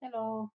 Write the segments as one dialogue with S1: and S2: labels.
S1: Hello,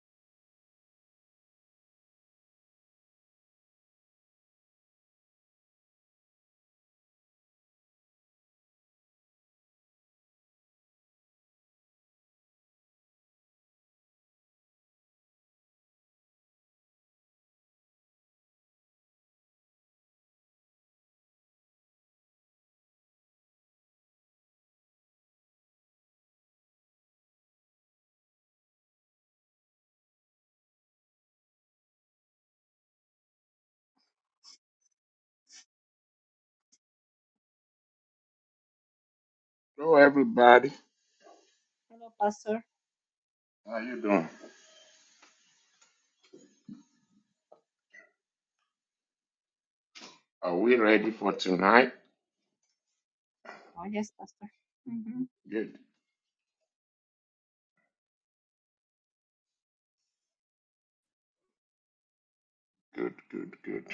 S2: Hello, everybody.
S1: hello, Pastor.
S2: How you doing? Are we ready for tonight?
S1: Oh, yes, Pastor. hmm
S2: Good, good, good, good.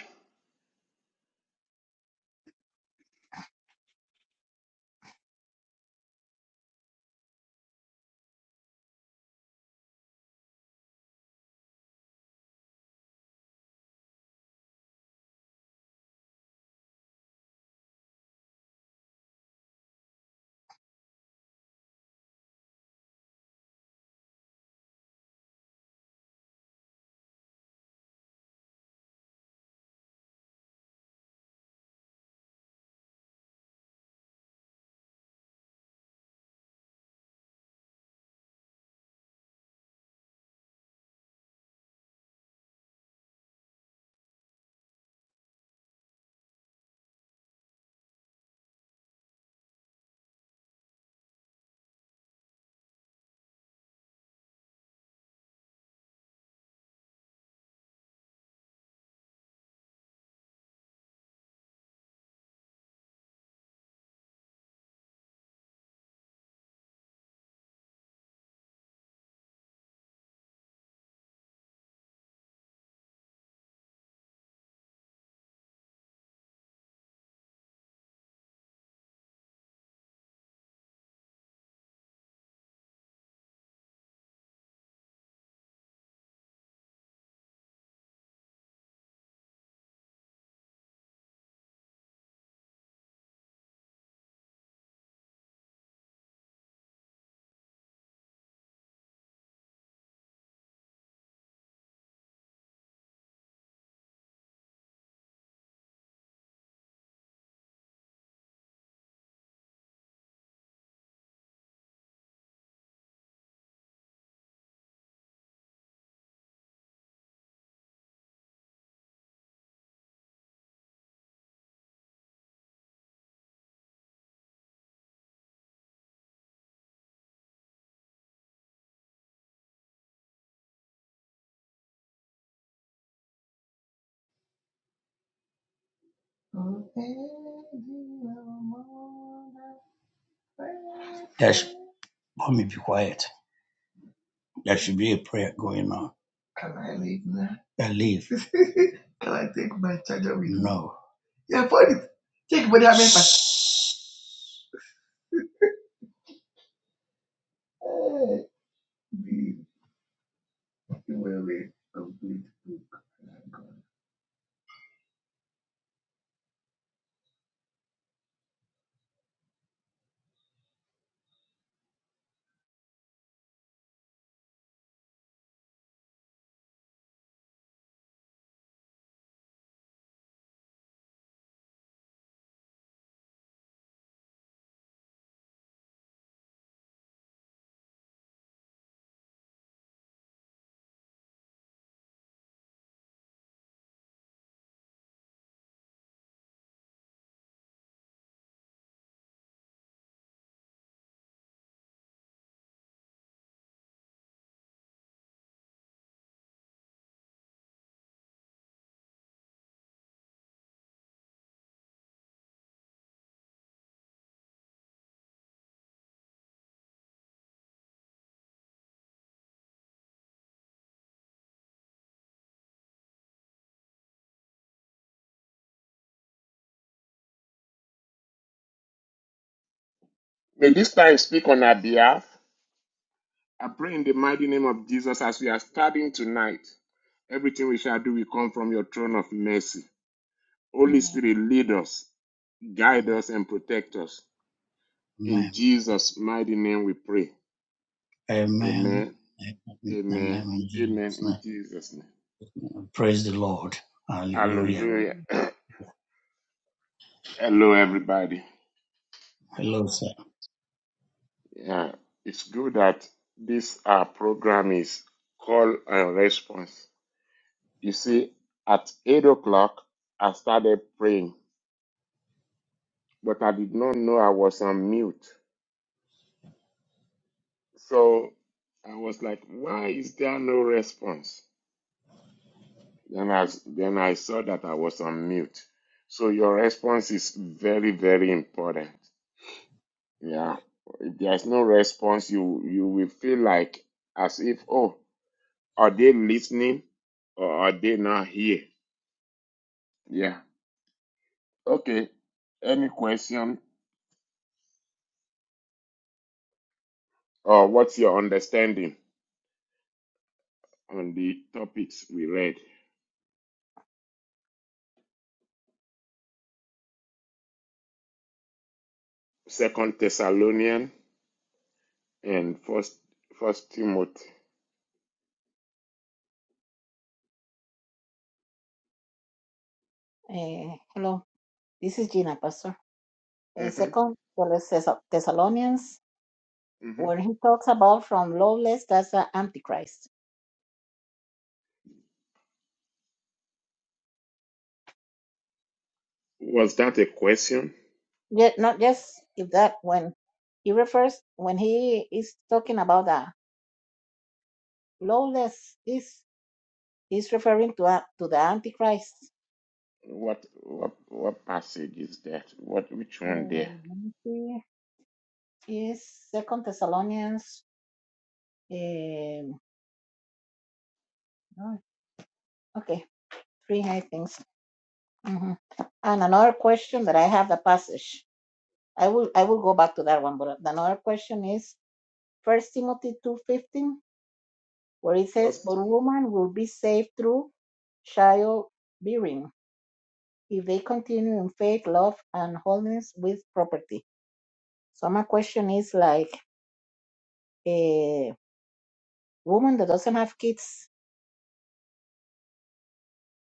S3: That sh- let me be quiet. That should be a prayer going on. Can I leave now? I leave. Can I take my charger with me? No. Yeah, put it. Take money and make my. charger. Hey, be- be very book.
S2: May this time speak on our behalf. I pray in the mighty name of Jesus as we are starting tonight. Everything we shall do will come from your throne of mercy. Holy
S1: Amen.
S2: Spirit, lead us, guide
S3: Amen.
S2: us, and protect us. In
S3: Amen.
S2: Jesus' mighty name we pray.
S3: Amen.
S2: Amen,
S3: Amen.
S2: amen,
S3: In
S2: amen.
S3: Jesus'
S2: In
S3: name.
S2: Jesus' name.
S3: Praise the Lord. Hallelujah.
S2: Hallelujah.
S1: Hallelujah.
S2: Hello, everybody.
S1: Hello,
S3: Hello,
S1: Pastor.
S3: sir.
S2: Yeah, it's good that this uh, program is call and response. You see, at 8 o'clock, I started praying, but I did not know I was on mute. So I was like, why is there no response? Then I, s- then I saw that I was on mute. So your response is very, very important. Yeah. If there's no response, you, you will feel like as if, oh, Are they listening or are they not here? Yeah. Okay. Any question or what's your understanding on the topics we read? Second Thessalonian and First First Timothy.
S1: Eh, hello, this is Gina, Pastor. Eh,
S2: hmm
S1: second Thess- Thessalonians,
S2: hmm
S1: when he talks about from lawless, that's the Antichrist.
S2: Was that a question?
S1: Yet not just if that when he refers when he is talking about the lawless, is he's referring to a- to the Antichrist.
S2: What what what passage is that? What which one there?
S1: Um, let me see. Is Second Thessalonians? Um, oh, okay. Three high things. hmm And another question that I have the passage. I will I will go back to that one, but another question is First Timothy two fifteen, where it says, "But
S2: First,
S1: woman will be saved through childbearing if they continue in faith, love, and holiness with property." So my question is like a woman that doesn't have kids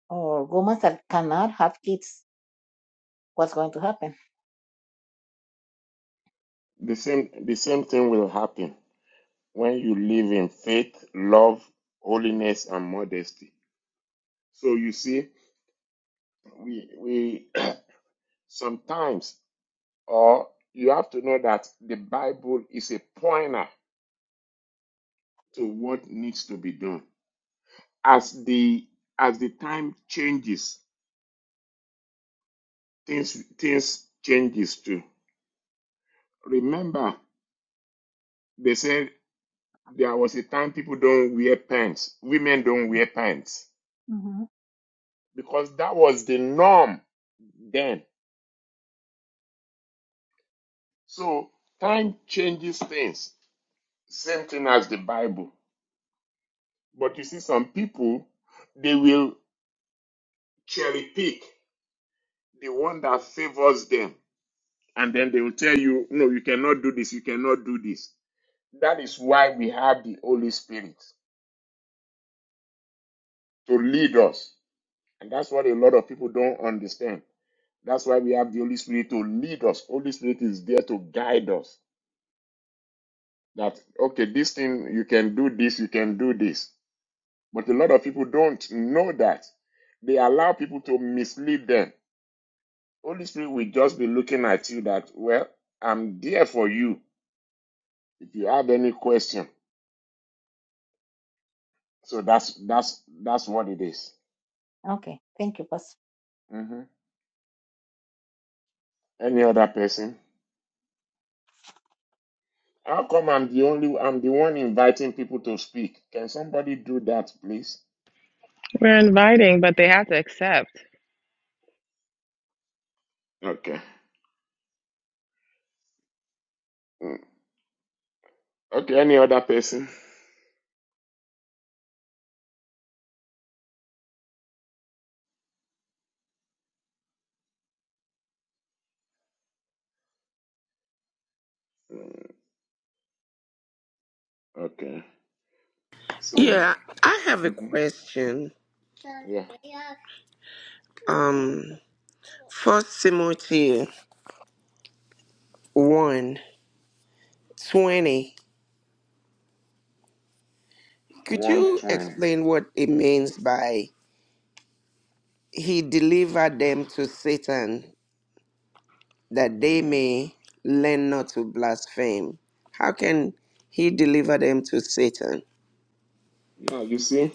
S1: or woman that cannot have kids, what's going to happen?
S2: the same the same thing will happen when you live in faith, love, holiness, and modesty. So you see. we we sometimes or you have to know that the bible is a pointer to what needs to be done as the as the time changes things things changes too remember they said there was a time people don't wear pants women don't wear pants
S1: hmm
S2: because that was the norm then so time changes things same thing as the bible but you see some people they will cherry pick the one that favors them. And then they will tell you, no, you cannot do this, you cannot do this. That is why we have the Holy Spirit to lead us. And that's what a lot of people don't understand. That's why we have the Holy Spirit to lead us. Holy Spirit is there to guide us. That, okay, this thing, you can do this, you can do this. But a lot of people don't know that. They allow people to mislead them. Holy Spirit will just be looking at you that, well, I'm there for you. If you have any question, so that's that's that's what it is.
S1: Okay, thank you, Pastor.
S2: hmm Any other person? How come I'm the only I'm the one inviting people to speak? Can somebody do that, please?
S4: We're inviting, but they have to accept.
S2: Okay. Mm. Okay. Any other person? Mm, Okay. So,
S5: Yeah, I have a
S2: hmm
S5: question.
S2: yeah,
S5: Um, First Timothy one 20. Could
S2: one
S5: you
S2: twenty.
S5: explain what it means by he delivered them to Satan that they may learn not to blaspheme? How can he deliver them to Satan?
S2: Yeah, you see,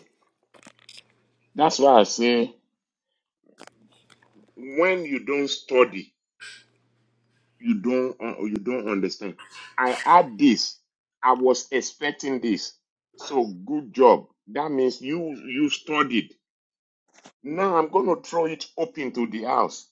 S2: that's why I say when you don't study. You don't uh, you don't understand. I had this. I was expecting this. So good job. That means you you studied. Now I'm going to throw it open to the house.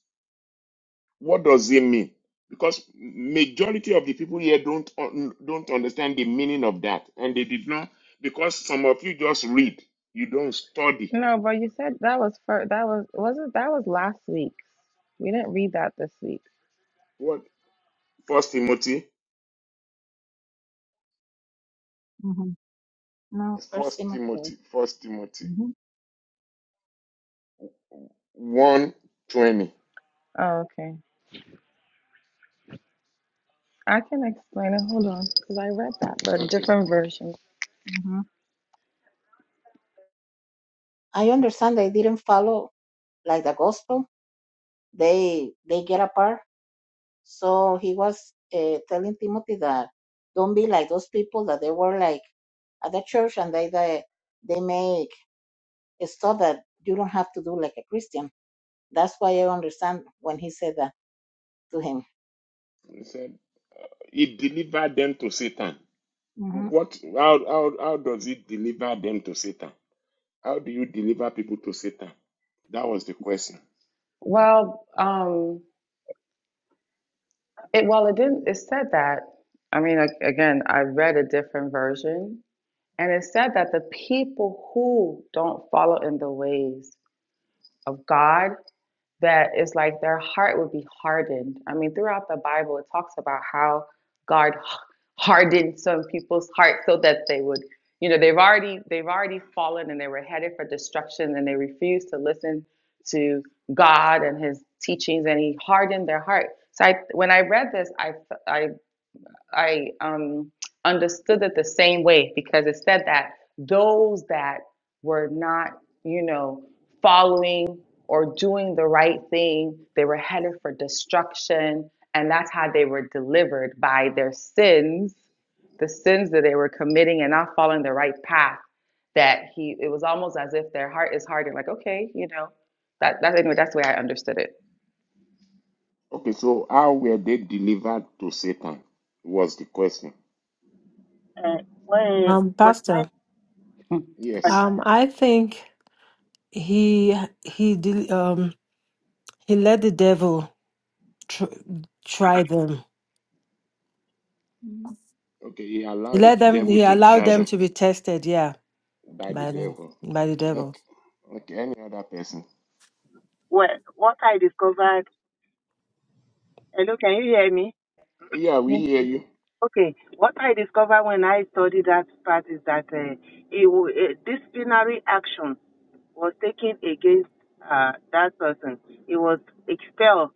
S2: What does it mean? Because majority of the people here don't un- don't understand the meaning of that, and they did not. Because some of you just read, you don't study.
S4: No, but you said that was for that was wasn't that was last week. We didn't read that this week.
S2: What First Timothy?
S1: hmm Now, First
S2: First
S1: Timothy.
S2: Timothy. First Timothy. One twenty.
S4: Oh, okay. I can explain it. Hold on, because I read that, but
S2: Okay.
S4: different version.
S1: hmm I understand they didn't follow like the gospel. They they get apart. So he was uh, telling Timothy that don't be like those people that they were like at the church and they they, they make stuff that you don't have to do like a Christian. That's why I understand when he said that to him.
S2: He delivered them to Satan.
S1: Mm-hmm.
S2: What? How, how, how does he deliver them to Satan? How do you deliver people to Satan? That was the question.
S4: Well, um, it well it didn't. It said that. I mean, a- again, I read it, and it said people who don't follow in the ways of God. that it's like their heart would be hardened. I mean, throughout the Bible, it talks about how God hardened some people's hearts so that they would, you know, they've already they've already fallen and they were headed for destruction and they refused to listen to God and His teachings and He hardened their heart. So I, when I read this, I I. I um, understood it the same way because it said that those that were not, you know, following or doing the right thing, they were headed for destruction. And that's how they were delivered by their sins, the sins that they were committing and not following the right path. That he, it was almost as if their heart is hardened, like, okay, you know, that, that anyway, that's the way I understood it.
S2: Okay, so how were they delivered to Satan? Was the question.
S6: Uh, when
S7: Um,
S6: what
S7: Pastor,
S6: I
S2: Yes.
S7: um, I think he he did, um he let the devil tr try them.
S4: Hmm.
S2: Okay, he
S7: He
S2: allowed the
S7: let them.
S2: devil
S7: He
S2: to
S7: allowed
S2: try
S7: them
S2: them
S7: to be tested. Yeah,
S2: by the
S7: by the-
S2: devil.
S7: by the devil.
S2: Okay, okay any other person?
S6: what what I discovered. Hello, can you hear me?
S2: Yeah, we
S1: Yes.
S2: hear you.
S6: Okay. What I discovered when I studied that part is that uh, it, wa- uh, disciplinary action was taken against uh, that person. He was expelled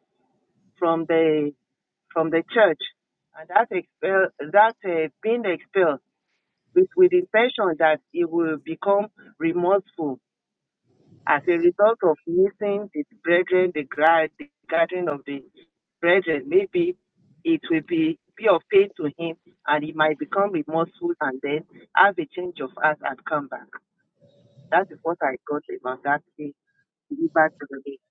S6: from the from the church, and that expel that uh, being expelled with with the intention that he will become remorseful As a result of missing the brethren, the, gra- the gathering of the brethren, maybe it will be, be of pain to him and he might become remorseful and then have a change of heart and come back. That is what I got about that thing. delivered to the Lord.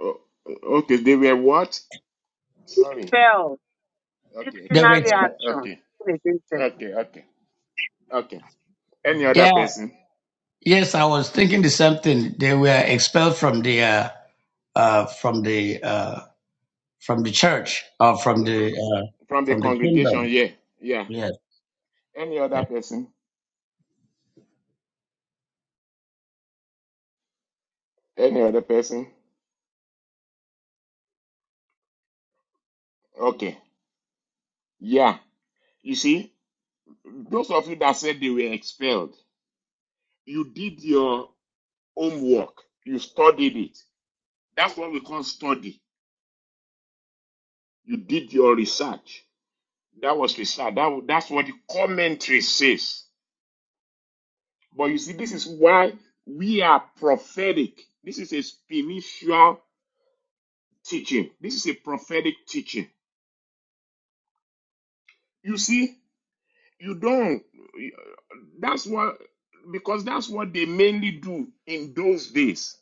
S2: O- okay, they were what? Sorry.
S6: Expel
S2: Okay,
S3: There were,
S6: disciplinary
S2: expelled.
S6: action
S2: Okay,
S6: against them
S2: okay, okay, okay. Any other
S3: Yeah.
S2: person?
S3: Yes, I was thinking the same thing. They were expelled from the uh, uh, from the uh, from the church or from
S2: Yeah, from
S3: the uh,
S2: from the
S3: from the
S2: congregation,
S3: kingdom.
S2: yeah, yeah.
S3: Yes.
S2: Any other
S3: yes.
S2: person? Any other person? Okay, yeah. You see, those of you that said they were expelled, you did your homework, you studied it. That's what we call study. You did your research. That was research. That, that's what the commentary says. But you see, this is why we are prophetic. This is a spiritual teaching. This is a prophetic teaching. You see, You don't. That's what, because that's what they mainly do in those days.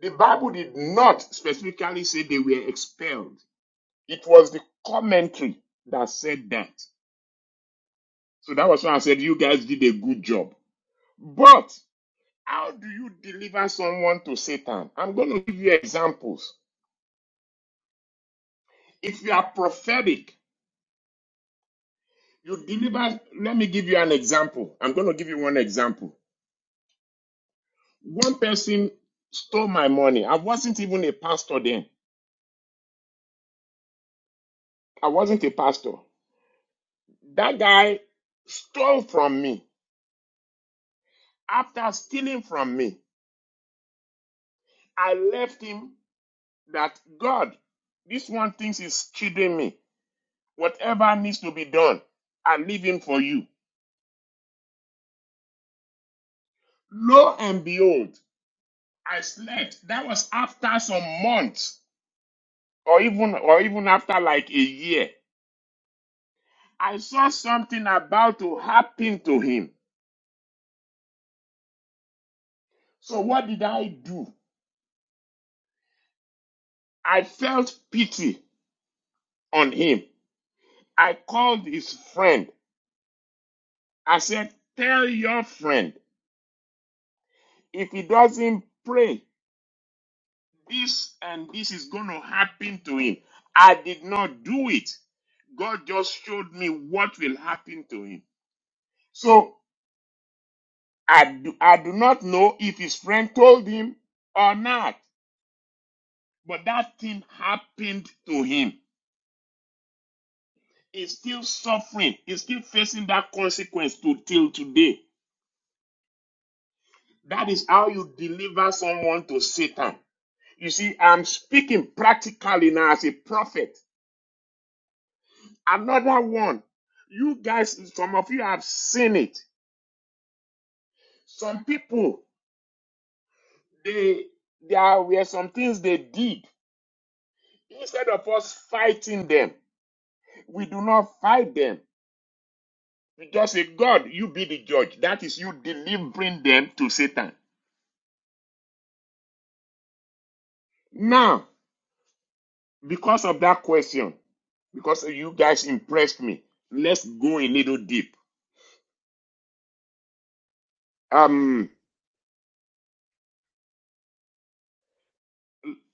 S2: The Bible did not specifically say they were expelled, it was the commentary that said that. So that was why I said you guys did a good job. But how do you deliver someone to Satan? I'm going to give you examples. If you are prophetic, you deliver. Let me give you an example. I'm going to give you one example. One person stole my money. I wasn't even a pastor then. I wasn't a pastor. That guy stole from me. After stealing from me, I left him that God, this one thinks he's cheating me. Whatever needs to be done, I leave him for you. Lo and behold, I slept. That was after some months, or even or even after like a year. I saw something about to happen to him. So what did I do? I felt pity on him. I called his friend. I said, Tell your friend if he doesn't pray, this and this is going to happen to him. I did not do it. God just showed me what will happen to him. So I do, I do not know if his friend told him or not, but that thing happened to him. He's still suffering. He's still facing that consequence to till today. That is how you deliver someone to Satan. You see, I'm speaking practically now as a prophet. Another one. You guys, some of you have seen it. Some people, they there were some things they did. Instead of us fighting them, we do not fight them. We just say, God, you be the judge. That is you delivering them to Satan. Now, because of that question, because you guys impressed me, let's go a little deep um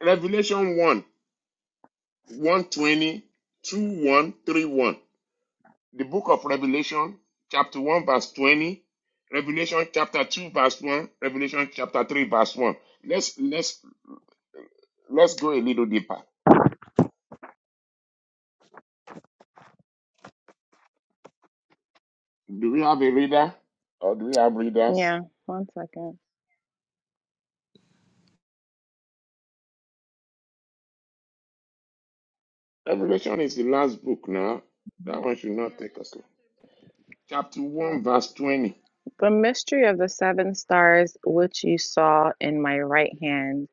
S2: revelation 1 120 the book of revelation chapter 1 verse 20 revelation chapter 2 verse 1 revelation chapter 3 verse 1 let's let's let's go a little deeper do we have a reader or do we have readers
S4: Yeah, one second.
S2: revelation is the last book now that one should not take us long. chapter
S1: Lord.
S2: 1 verse 20
S4: The mystery of the seven stars which you saw in my right hand,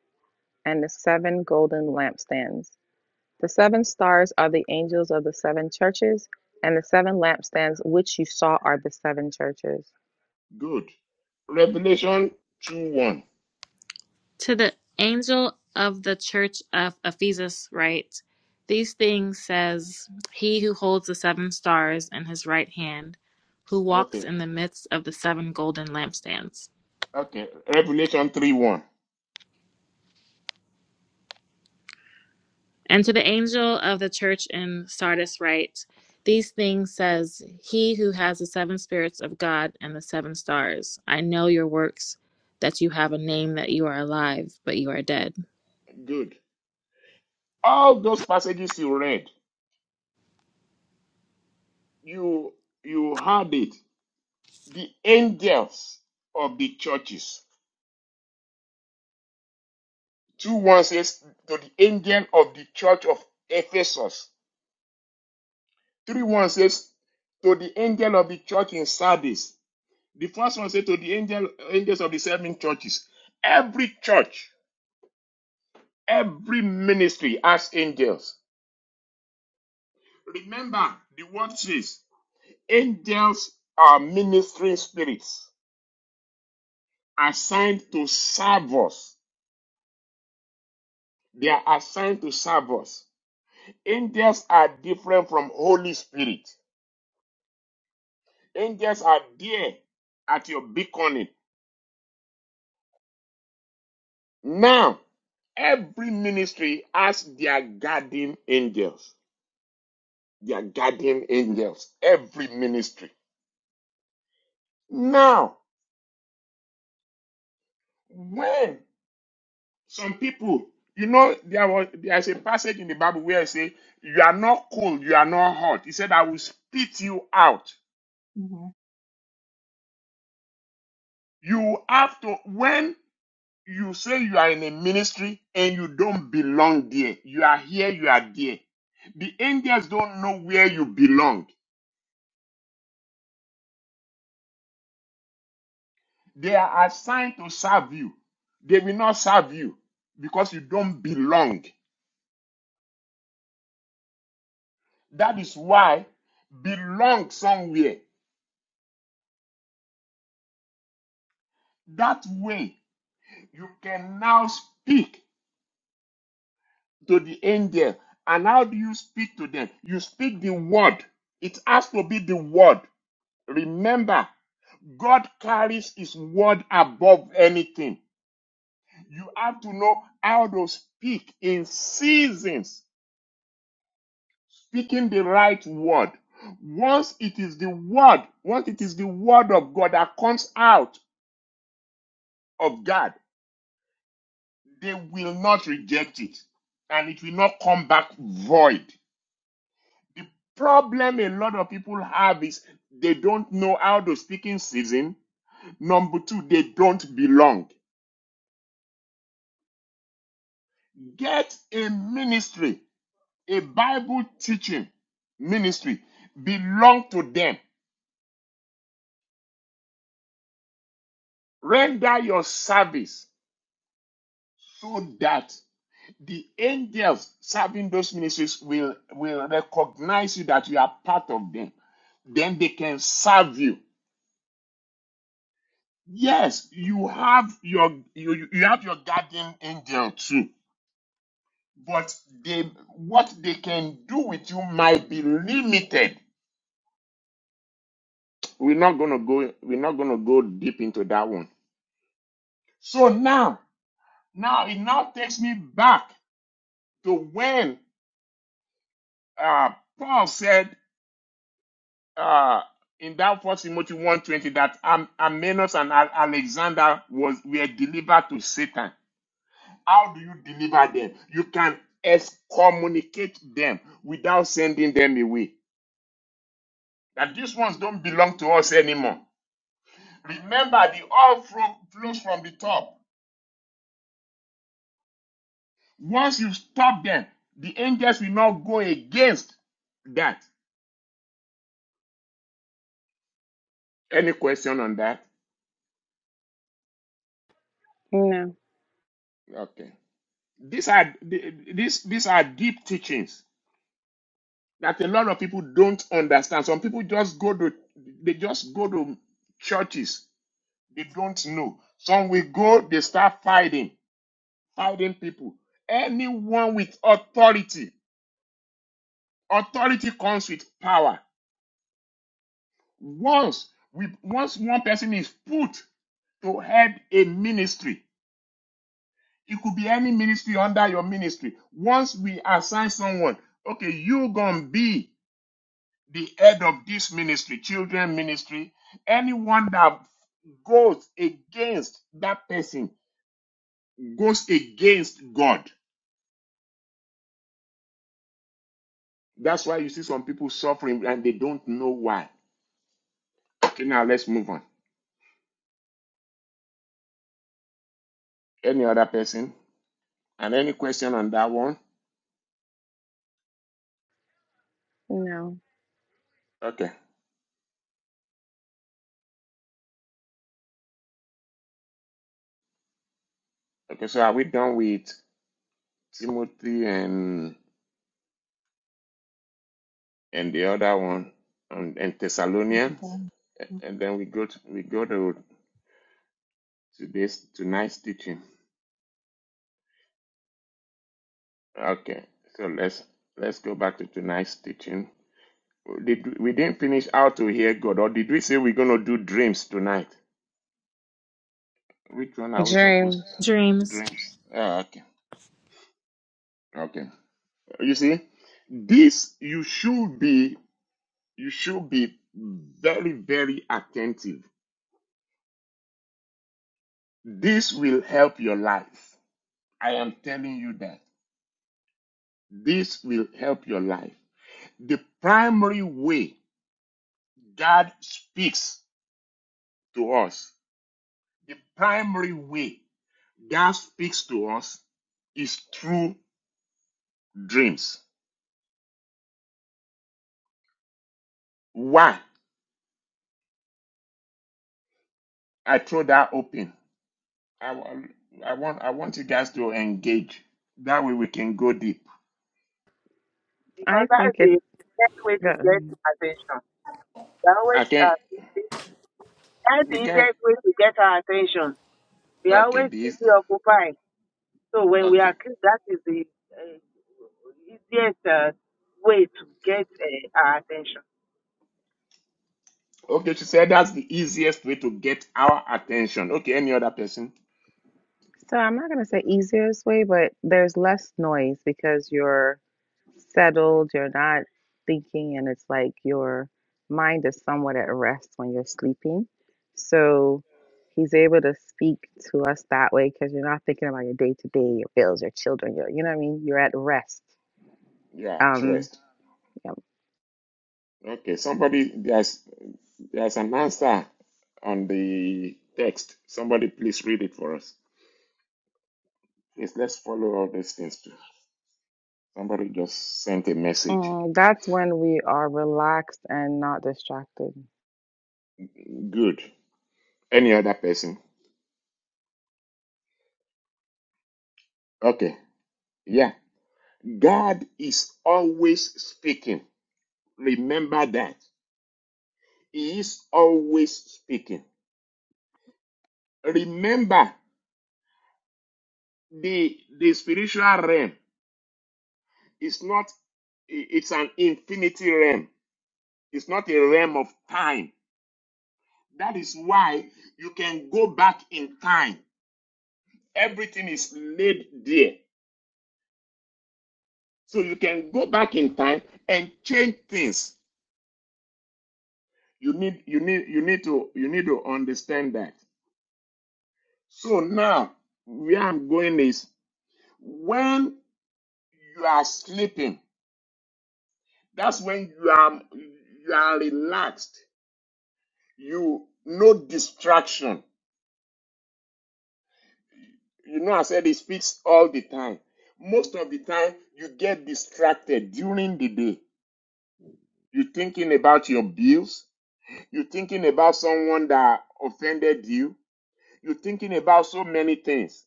S4: and the seven golden lampstands. The seven stars are the angels of the seven churches, and the seven lampstands which you saw are the seven churches.
S2: good revelation 2 1
S8: To the angel of the church of Ephesus write, These things says he who holds the seven stars in his right hand, who walks
S2: okay
S8: in the midst of the seven golden lampstands.
S2: okay revelation 3 1
S8: And to the angel of the church in Sardis write, These things says he who has the seven spirits of God and the seven stars. I know your works, that you have a name that you are alive, but you are dead.
S2: good All those passages you read, you you had it. The angels of the churches. Two one says to the angel of the church of Ephesus. Three one says to the angel of the church in Sardis. The first one says to the angel angels of the seven churches. Every church, every ministry has angels. Remember, the word says angels are ministering spirits assigned to serve us They are assigned to serve us. Angels are different from Holy Spirit. Angels are there at your beckoning. Now, every ministry has their guardian angels. Their guardian angels. Every ministry. Now, when some people, you know, there was there's a passage in the Bible where it says, You are not cold, you are not hot. He said, I will spit you out.
S1: Mhm.
S2: You have to when You say you are in a ministry and you don't belong there. You are here, you are there. The angels don't know where you belong. They are assigned to serve you. They will not serve you because you don't belong. That is why belong somewhere. That way you can now speak to the angel. And how do you speak to them? You speak the word. It has to be the word. Remember, God carries his word above anything. You have to know how to speak in seasons, speaking the right word. Once it is the word, once it is the word of God that comes out of God, they will not reject it and it will not come back void. The problem a lot of people have is they don't know how to speak in season. Number two, they don't belong. Get a ministry A Bible teaching ministry belong to them. Render your service so that the angels serving those ministries will, will recognize you that you are part of them. Then they can serve you. Yes, you have your you, you you have your guardian angel too, but they what they can do with you might be limited. We're not gonna go we're not gonna go deep into that one. So now Now it now takes me back to when uh, Paul said uh, in that First Timothy one twenty that Am- Amenos and Al- Alexander was were delivered to Satan. How do you deliver them? You can excommunicate them without sending them away. That these ones don't belong to us anymore. Remember, the all fro- flows from the top. Once you stop them, the angels will not go against that. Any question on that?
S4: No,
S2: Okay. These are these these are deep teachings that a lot of people don't understand. Some people just go to they just go to churches. They don't know. Some will go, they start fighting, fighting people. Anyone with authority, authority comes with power. Once we once one person is put to head a ministry, it could be any ministry under your ministry. Once we assign someone, okay, you gonna be the head of this ministry, children ministry, anyone that goes against that person goes against God. That's why you see some people suffering and they don't know why. Okay, now let's move on. Any other person? And any question on that one?
S4: no.
S2: Okay. Okay, so are we done with Timothy and and the other one and, and
S1: Thank you,
S2: Thessalonians?
S1: Father. Mm.
S2: And then we go to, we go to today's tonight's teaching. Okay, so let's let's go back to tonight's teaching. Did we, we didn't finish how to hear God, or did we say we're gonna do dreams tonight? Which one are we supposed
S4: Dreams.
S2: to
S8: Dreams.
S2: dreams? Ah, okay, okay. You see, this you should be you should be very very attentive. This will help your life. I am telling you that this will help your life. The primary way God speaks to us The primary way God speaks to us is through dreams. Why? I throw that open. I, wa- I want I want you guys to engage. That way we can go deep.
S6: because
S4: I
S6: that
S4: think it.
S6: is the best way to
S4: the
S6: get attention. They always
S2: I can
S6: uh, that is the
S2: we can
S6: easiest way to get our attention. We are
S2: okay
S6: always
S2: this
S6: preoccupied So when we are
S2: okay.
S6: kids, that is the uh, easiest uh, way to get uh, our attention.
S2: Okay, she said that's the easiest way to get our attention. Okay, any other person?
S4: So I'm not going to say easiest way, but there's less noise because you're settled, you're not thinking, and it's like your mind is somewhat at rest when you're sleeping. So he's able to speak to us that way because you're not thinking about your day to day, your bills, your children, your, you know what I mean? You're at rest.
S2: Yeah,
S4: Um,
S2: trust.
S4: yeah.
S2: Okay, somebody there's there's an answer on the text. Somebody please read it for us. Please let's follow all these things too. Somebody just sent a message.
S4: Mm, that's when we are relaxed and not distracted.
S2: Good. Any other person? Okay. Yeah. God is always speaking. Remember that. He is always speaking. Remember the the spiritual realm is not it's an infinity realm. It's not a realm of time. That is why you can go back in time. Everything is laid there So you can go back in time and change things. You need you need you need to you need to understand that. So now where I'm going is when you are sleeping, that's when you are you are relaxed. You no distraction. You know I said it speaks all the time. Most of the time you get distracted during the day. You're thinking about your bills. You're thinking about someone that offended you You're thinking about so many things.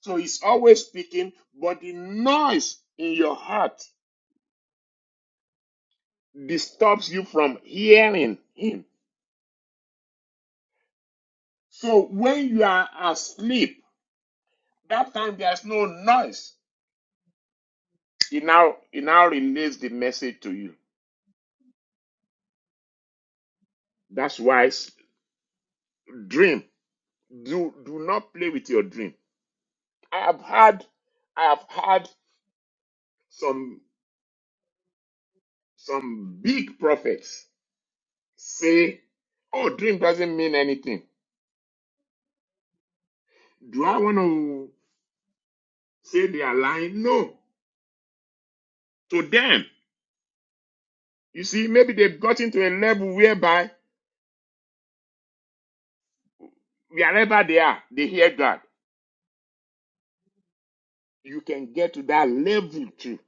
S2: So he's always speaking, but the noise in your heart disturbs you from hearing him. So when you are asleep, that time there's no noise. He now he now relays the message to you. That's why dream. Do do not play with your dream. I have had I have had some some big prophets say, "Oh, dream doesn't mean anything." Do I want to? say they are lying. No, to them. You see, maybe they've gotten to a level whereby wherever they are, they hear God. You can get to that level too.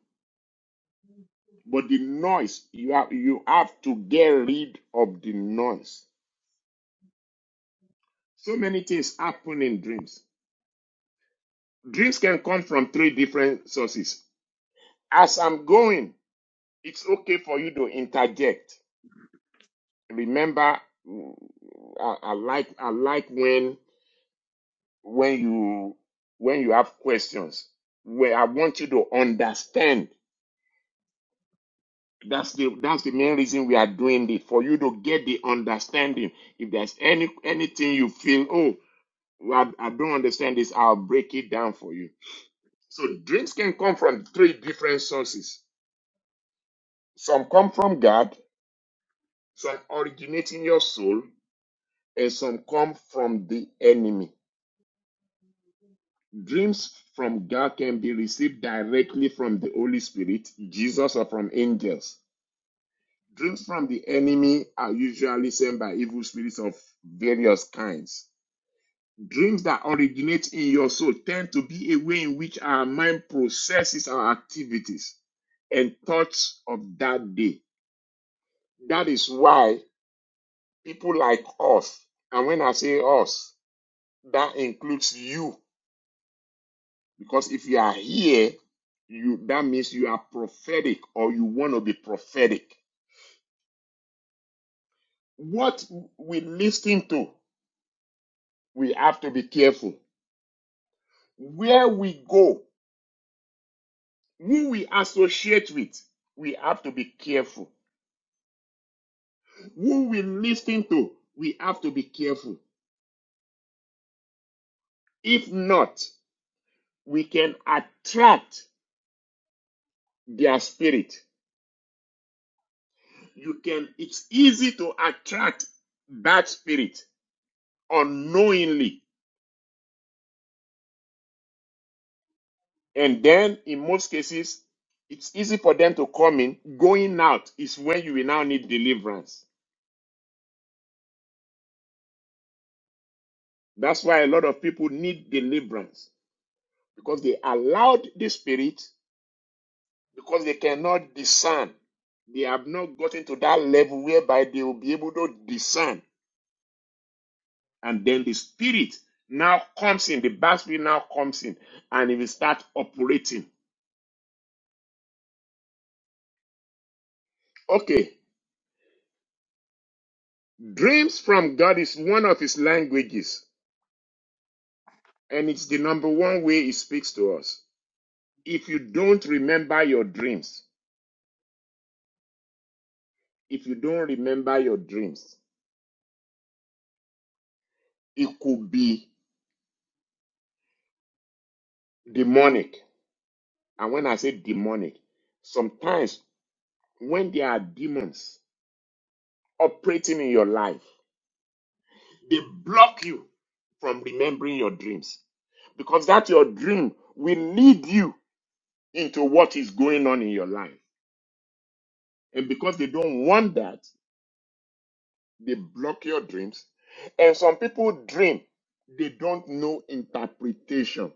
S2: But the noise, you have you have to get rid of the noise. So many things happen in dreams. Dreams can come from three different sources. As I'm going, it's okay for you to interject. Remember, mm, I, I like I like when when you when you have questions where i want you to understand that's the that's the main reason we are doing it for you to get the understanding if there's any anything you feel oh well, i don't understand this i'll break it down for you so dreams can come from three different sources some come from god some originate in your soul and some come from the enemy Dreams from God can be received directly from the Holy Spirit, Jesus, or from angels. Dreams from the enemy are usually sent by evil spirits of various kinds. Dreams that originate in your soul tend to be a way in which our mind processes our activities and thoughts of that day. That is why people like us, and when I say us, that includes you Because if you are here, you that means you are prophetic or you want to be prophetic. What we listen to, we have to be careful. Where we go, who we associate with, we have to be careful. Who we listen to, we have to be careful. If not, we can attract their spirit. You can it's easy to attract that spirit unknowingly And then in most cases, it's easy for them to come in. Going out is when you will now need deliverance. That's why a lot of people need deliverance because they allowed the spirit because they cannot discern. They have not gotten to that level whereby they will be able to discern. And then the spirit now comes in, the bad spirit now comes in, and it will start operating. Okay, dreams from God is one of his languages. And it's the number one way he speaks to us. If you don't remember your dreams, if you don't remember your dreams, it could be demonic. And when I say demonic, sometimes when there are demons operating in your life, they block you from remembering your dreams because that your dream will lead you into what is going on in your life. And because they don't want that, They block your dreams. And some people dream, they don't know interpretation.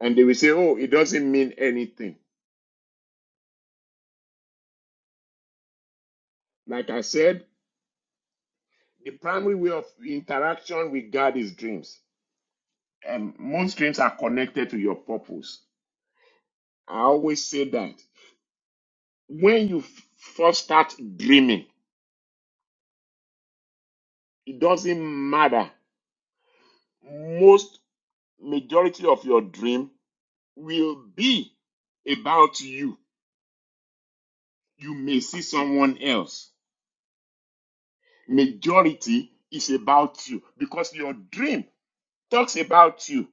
S2: And they will say, oh, it doesn't mean anything. Like I said, the primary way of interaction with God is dreams. And most dreams are connected to your purpose. I always say that. When you f- first start dreaming, it doesn't matter. Most majority of your dream will be about you. You may see someone else majority is about you because your dream talks about you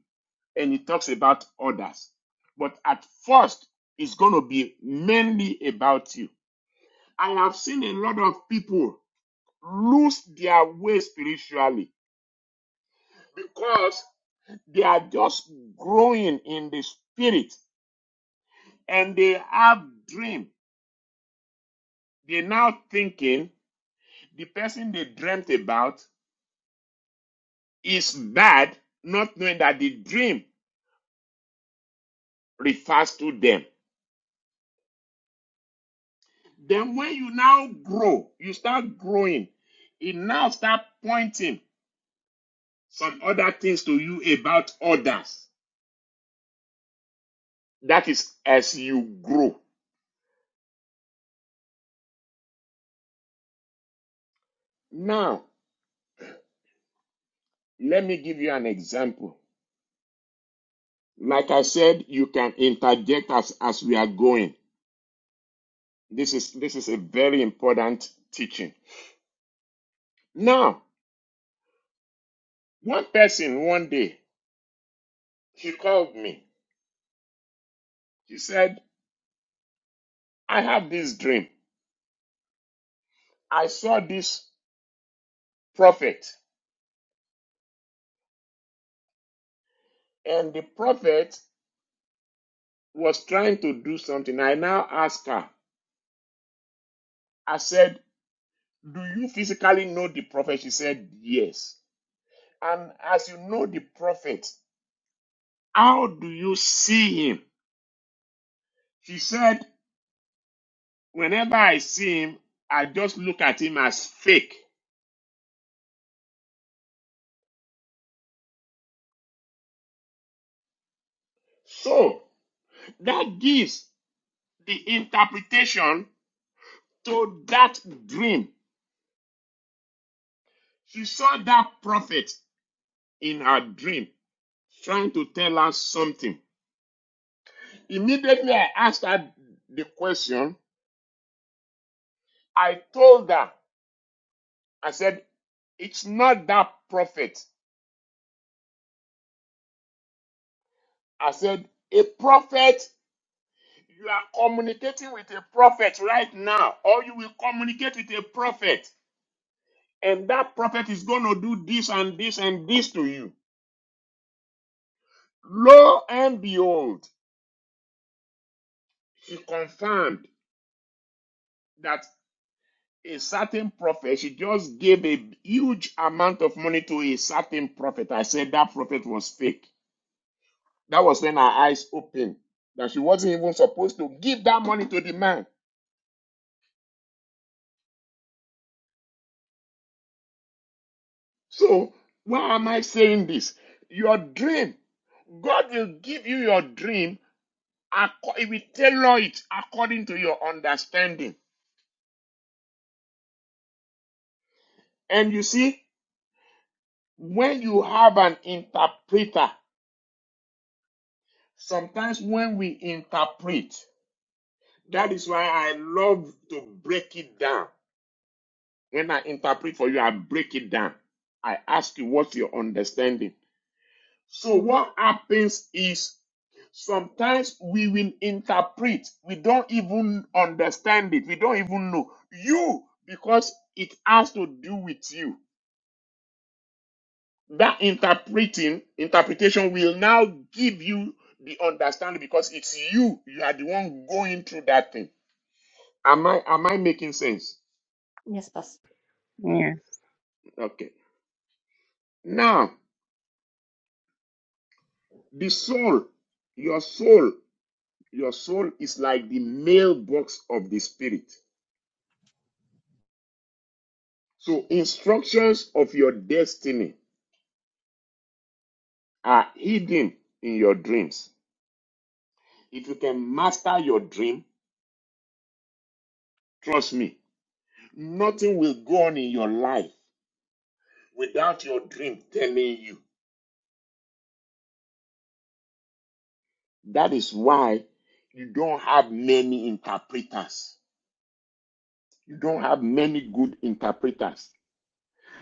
S2: and it talks about others. But at first, it's going to be mainly about you. I have seen a lot of people lose their way spiritually because they are just growing in the spirit and they have dream. They're now thinking the person they dreamt about is bad, not knowing that the dream refers to them. Then when you now grow, you start growing, it now start pointing some other things to you about others. That is as you grow. Now, let me give you an example. Like I said, you can interject as, as we are going. This is this is a very important teaching. Now, one person one day she called me. She said, I have this dream. I saw this prophet, and the prophet was trying to do something. I now asked her, I said, Do you physically know the prophet? She said, Yes. And as you know the prophet, how do you see him? She said, Whenever I see him, I just look at him as fake. So that gives the interpretation to that dream. She saw that prophet in her dream trying to tell her something. Immediately I asked her the question I told her, I said, it's not that prophet. I said, a prophet, you are communicating with a prophet right now, or you will communicate with a prophet, and that prophet is going to do this and this and this to you. Lo and behold, she confirmed that a certain prophet, she just gave a huge amount of money to a certain prophet. I said that prophet was fake. That was when her eyes opened that she wasn't even supposed to give that money to the man. So, why am I saying this? Your dream, God will give you your dream, He will tailor it according to your understanding. And you see, when you have an interpreter, sometimes when we interpret, that is why I love to break it down. When I interpret for you, I break it down. I ask you, what's your understanding? So what happens is sometimes we will interpret, we don't even understand it, we don't even know. You, because it has to do with you. That interpreting, interpretation will now give you the understanding because it's you. You are the one going through that thing. Am I am I making sense?
S1: Yes, Pastor.
S4: Yes.
S2: Okay. Now, the soul, your soul, your soul is like the mailbox of the spirit So instructions of your destiny are hidden in your dreams. If you can master your dream, trust me, nothing will go on in your life without your dream telling you. That is why you don't have many interpreters. You don't have many good interpreters.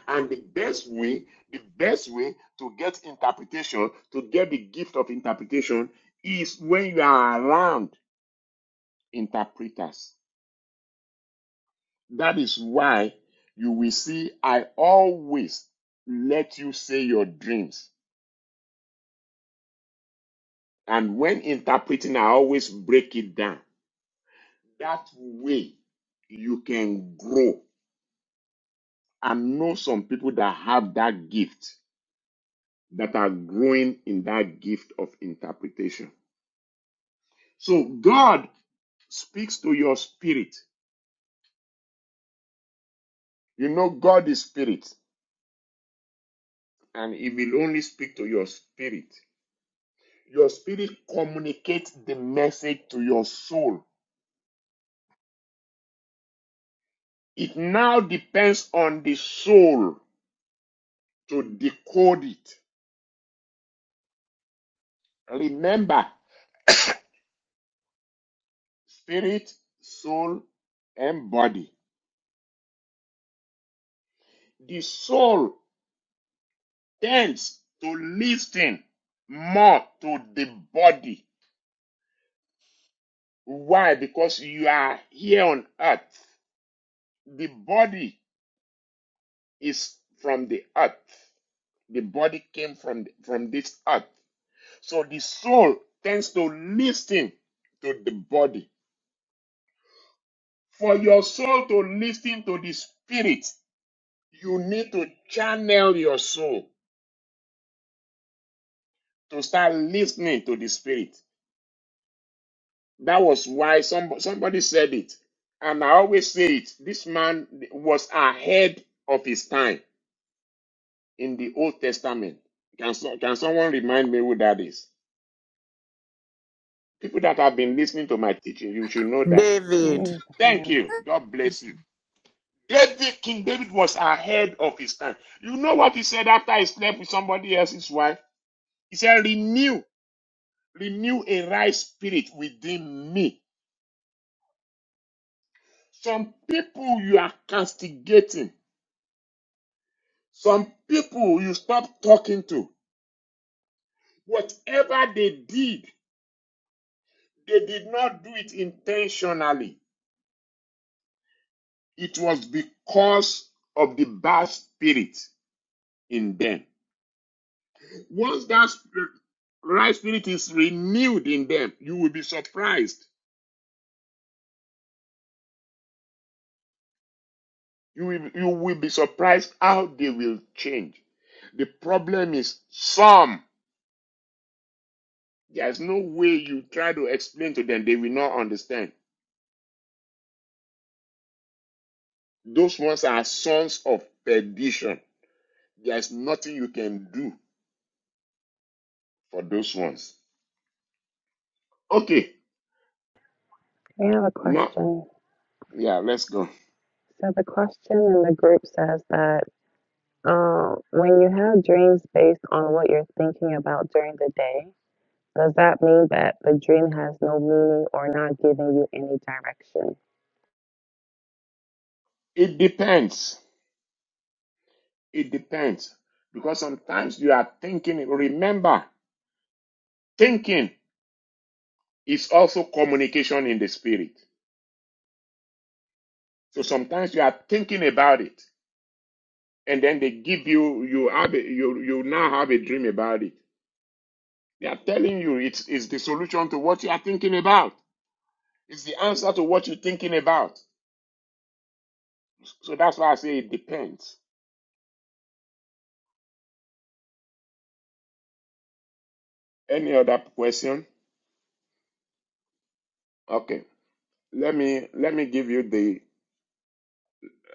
S2: And the best way, the best way to get interpretation, to get the gift of interpretation is when you are around interpreters. That is why you will see I always let you say your dreams. And when interpreting, I always break it down. That way you can grow. I know some people that have that gift that are growing in that gift of interpretation. So God speaks to your spirit. You know, God is spirit, and He will only speak to your spirit. Your spirit communicates the message to your soul It now depends on the soul to decode it. Remember, spirit, soul, and body. The soul tends to listen more to the body. Why? Because you are here on earth. The body is from the earth. The body came from, the, from this earth. So the soul tends to listen to the body For your soul to listen to the Spirit, you need to channel your soul to start listening to the Spirit. That was why some, somebody said it. And I always say it this man was ahead of his time in the Old Testament. Can, so- can someone remind me who that is? People that have been listening to my teaching, you should know that.
S4: I
S5: David,
S2: Thank
S4: understand.
S2: you. God bless you. David, King David was ahead of his time. You know what he said after he slept with somebody else's wife? He said, renew, renew a right spirit within me. Some people you are castigating, some people you stop talking to. Whatever they did, they did not do it intentionally. It was because of the bad spirit in them. Once that right spirit is renewed in them, you will be surprised. You will, you will be surprised how they will change. The problem is some There's no way you try to explain to them, they will not understand. Those ones are sons of perdition. There's nothing you can do for those ones. Okay,
S4: I have a question.
S2: no,
S4: So
S2: yeah, let's go.
S4: the question in the group says that. Um, when you have dreams based on what you're thinking about during the day, does that mean that the dream has no meaning or not giving you any direction?
S2: It depends. It depends. Because sometimes you are thinking, remember, thinking is also communication in the spirit. So sometimes you are thinking about it, and then they give you, you have, a, you, you now have a dream about it. They are telling you it's, it's the solution to what you are thinking about. It's the answer to what you're thinking about. So that's why I say it depends. Any other question? Okay. Let me let me give you the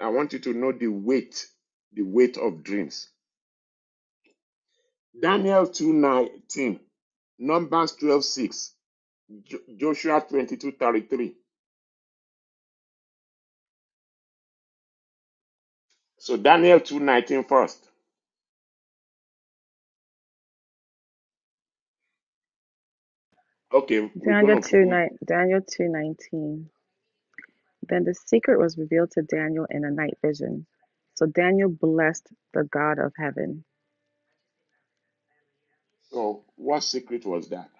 S2: I want you to know the weight, the weight of dreams. Daniel 2:19, Numbers 12:6, Jo- Joshua 22:33. So Daniel two nineteen first. Okay, we're
S4: Daniel
S2: going to
S4: 2,
S2: we,
S4: nine Daniel 2:19. Then the secret was revealed to Daniel in a night vision. So Daniel blessed the God of heaven.
S2: oh, what secret was that?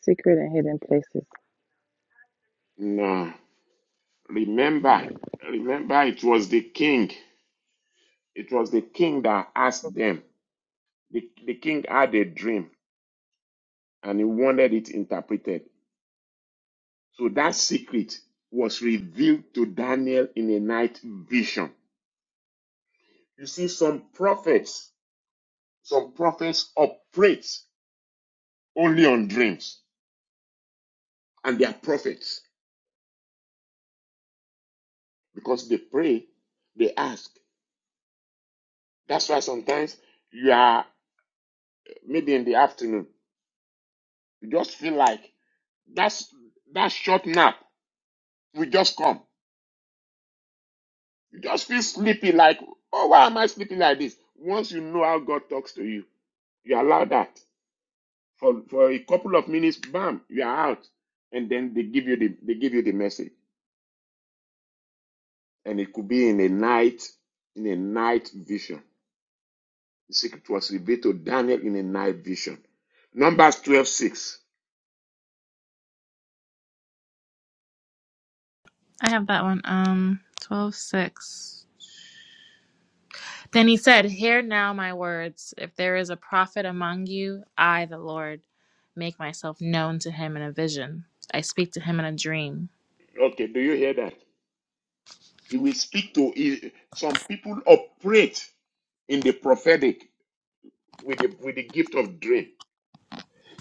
S4: Secret and hidden places.
S2: No. Remember, remember, it was the king. It was the king that asked them. The, the king had a dream and he wanted it interpreted. So that secret was revealed to Daniel in a night vision. You see, some prophets, some prophets operate only on dreams, and they are prophets because they pray, they ask. That's why sometimes you are maybe in the afternoon, you just feel like that's that short nap We just come. You just feel sleepy, like, oh, why am I sleeping like this? Once you know how God talks to you, you allow that for for a couple of minutes. Bam, you are out, and then they give you the they give you the message, and it could be in a night in a night vision. The secret was revealed to Daniel in a night vision. Numbers twelve six.
S8: I have that one. Um, twelve six. Then he said, Hear now my words. If there is a prophet among you, I, the Lord, make myself known to him in a vision. I speak to him in a dream.
S2: Okay, do you hear that? He will speak to he- some people operate in the prophetic with the with the gift of dream.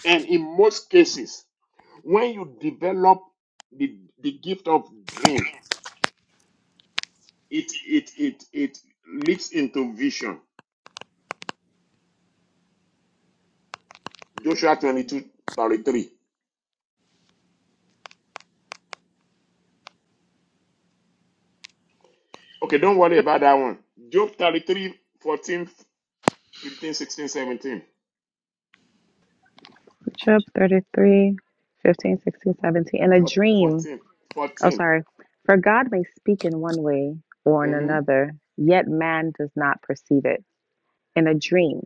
S2: And in most cases, When you develop the, the gift of dream, it, it, it, it leads into vision. Joshua 22 33. Okay, don't worry about that one. Job 33, 14, 15,
S4: Job thirty three, fifteen, sixteen, seventeen. 15, In a dream. Oh,
S2: hmm 17. Four- fourteen, fourteen,
S4: sorry. For God may speak in one way or in
S2: mm-hmm,
S4: another, yet man does not perceive it. In a dream,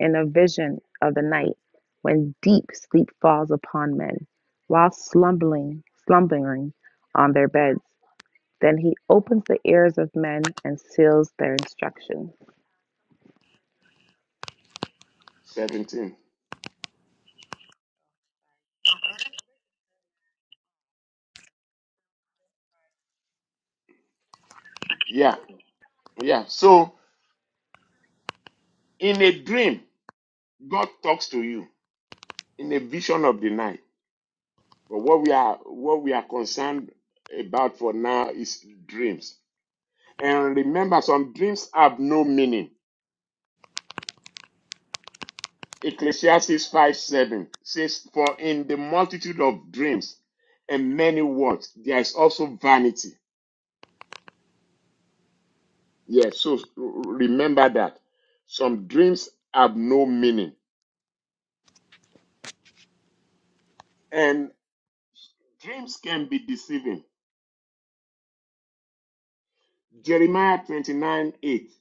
S4: in a vision of the night, when deep sleep falls upon men, while slumbering, slumbering on their beds, then he opens the ears of men and seals their instruction.
S2: seventeen. Yeah, yeah. So in a dream, God talks to you in a vision of the night. But what we are what we are concerned about for now is dreams. And remember, some dreams have no meaning. Ecclesiastes 5 7 says, For in the multitude of dreams and many words, there is also vanity. Yes, so remember that. Some dreams have no meaning. And dreams can be deceiving. Jeremiah 29 8.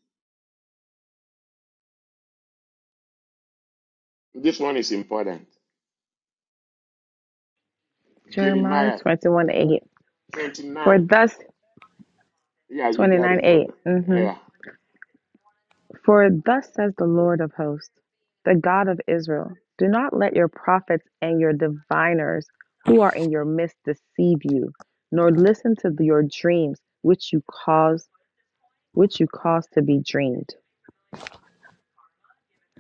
S2: This one is important.
S4: Jeremiah
S2: Jeremiah
S4: 21 8. For
S2: 29.
S4: thus,
S2: Yeah, you got
S4: 29
S2: it for
S4: 8.
S2: the
S4: Mm-hmm.
S2: yeah.
S4: For thus says the Lord of hosts, the God of Israel Do not let your prophets and your diviners who are in your midst deceive you, nor listen to your dreams which you cause which you cause to be dreamed.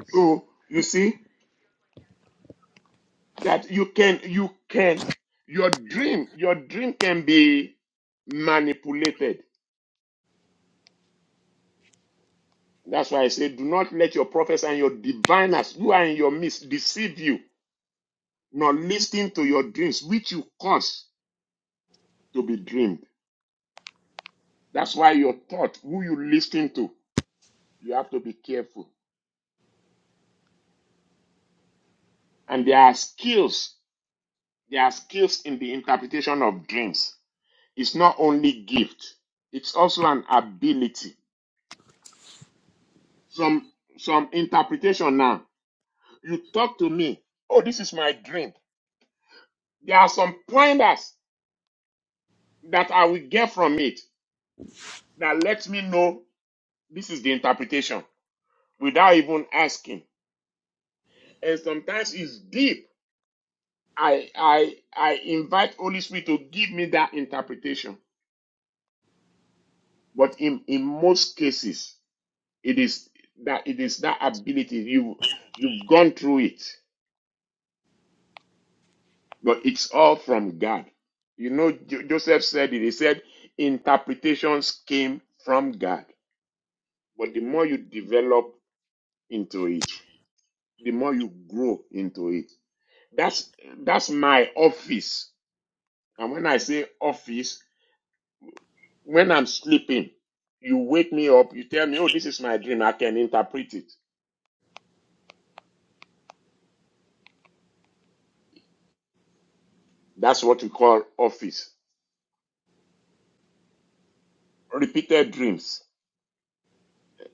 S2: So you see, that you can you can your dream your dream can be manipulated that's why i say do not let your prophets and your diviners who are in your midst deceive you not listening to your dreams which you cause to be dreamed that's why your thought who you listen to you have to be careful and there are skills there are skills in the interpretation of dreams it's not only gift it's also an ability some some interpretation now you talk to me. Oh, this is my dream. There are some pointers that I will get from it that lets me know this is the interpretation without even asking. And sometimes it's deep. I I I invite Holy Spirit to give me that interpretation. But in, in most cases, it is that it is that ability. You you've gone through it, but it's all from God. You know, Jo- Joseph said it. He said interpretations came from God. But the more you develop into it, the more you grow into it. That's that's my office. And when I say office, when I'm sleeping, you wake me up, you tell me, oh, this is my dream. I can interpret it. That's what we call office. Repeated dreams.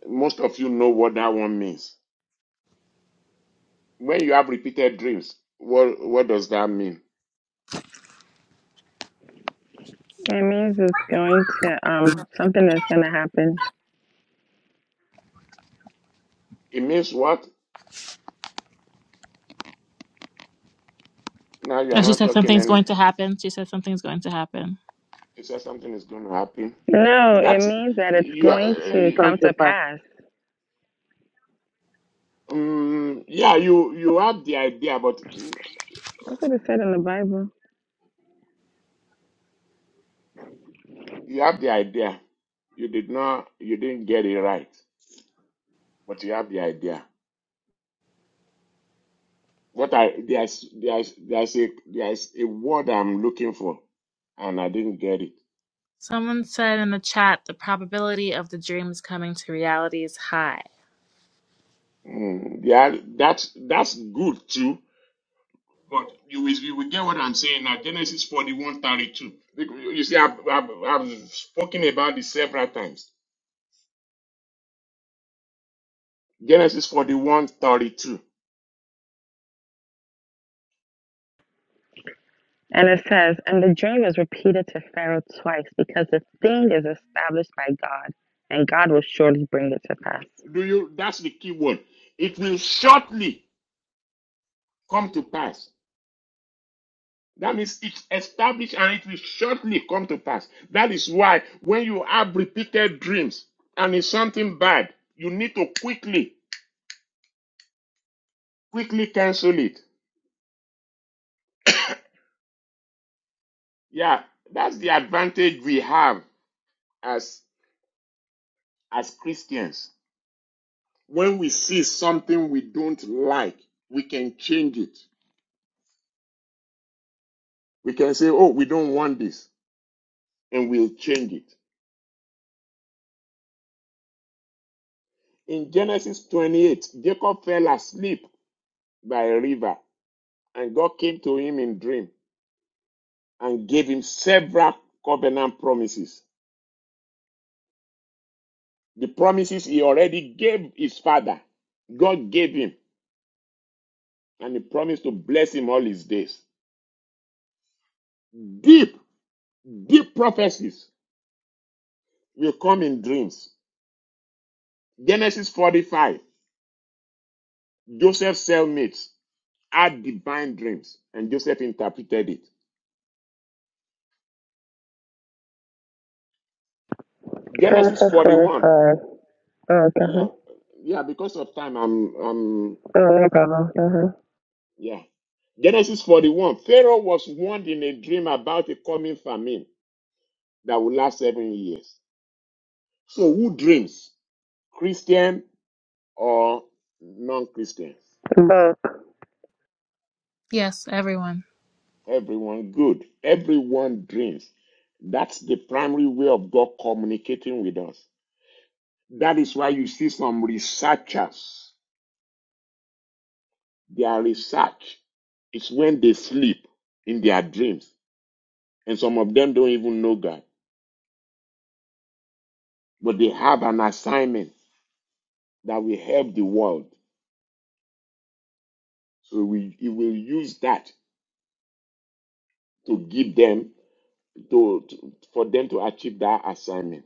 S2: Most of you know what that one means. When you have repeated dreams, what what does that mean?
S4: It means it's going to um something that's gonna happen.
S2: It means what? Now you are
S8: And she
S2: not
S8: said,
S2: talking
S8: Something's going
S2: anymore.
S8: to happen. She said, Something's going to happen.
S2: You said something is going to happen.
S4: No, it
S2: That's
S4: means that it's
S2: you
S4: going
S6: It
S4: to
S6: won't come
S4: come
S2: are.
S6: to
S4: to
S6: pass.
S4: pass.
S2: Mm, yeah, you you have the idea, but mm,
S4: That's what it said in the Bible.
S2: you have the idea. You did not, you didn't get it right, but you have the idea. What I there's there's there's a there's a word I'm looking for, and I didn't get it.
S8: Someone said in the chat, The probability of the dreams coming to reality is high.
S2: Mm, yeah, that's that's good too. But you will you will get what I'm saying now. Genesis 41 32. You you see, I've, I've, I've spoken about this several times. Genesis 41 32.
S4: And it says, And the dream is repeated to Pharaoh twice because the thing is established by God, and God will surely bring it to pass.
S2: Do you? That's the key word. It will shortly come to pass. That means it's established and it will shortly come to pass. That is why when you have repeated dreams and it's something bad, you need to quickly, quickly cancel it. Yeah, that's the advantage we have as as Christians. When we see something we don't like, we can change it. We can say, "Oh, we don't want this," and we'll change it. In Genesis 28, Jacob fell asleep by a river, and God came to him in dream and gave him several covenant promises. The promises he already gave his father, God gave him, and he promised to bless him all his days. Deep, deep prophecies will come in dreams. Genesis 45, Joseph's cellmates had divine dreams, and Joseph interpreted it. Genesis
S4: Genesis
S2: 41,
S4: 45. Oh, okay.
S2: Yeah, yeah, because of time, I'm, I'm,
S4: Oh, no problem. Uh-huh.
S2: yeah. Genesis 41. Pharaoh was warned in a dream about a coming famine that will last seven years. So, who dreams? Christian or non Christians?
S4: Both.
S8: Yes, everyone.
S2: Everyone good. Everyone dreams. That's the primary way of God communicating with us. That is why you see some researchers, their research is when they sleep in their dreams. And some of them don't even know God. but they have an assignment that will help the world. So we, we will use that to give them to, to- for them to achieve that assignment.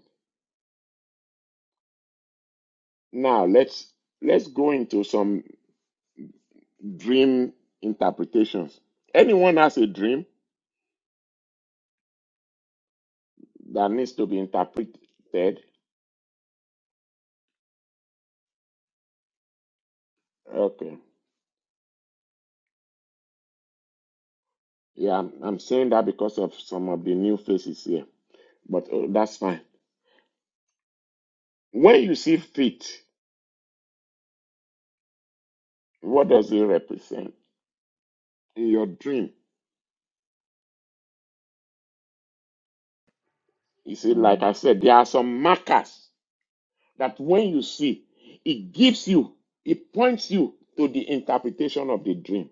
S2: Now let's let's go into some dream interpretations. Anyone has a dream that needs to be interpreted? Okay. Yeah, I'm, I'm saying that because of some of the new faces here, but uh, that's fine. When you see fit, what does it represent in your dream? You see, like
S4: Uh,
S2: I said, there are some markers that when you see, it gives you, it points you to the interpretation of the dream.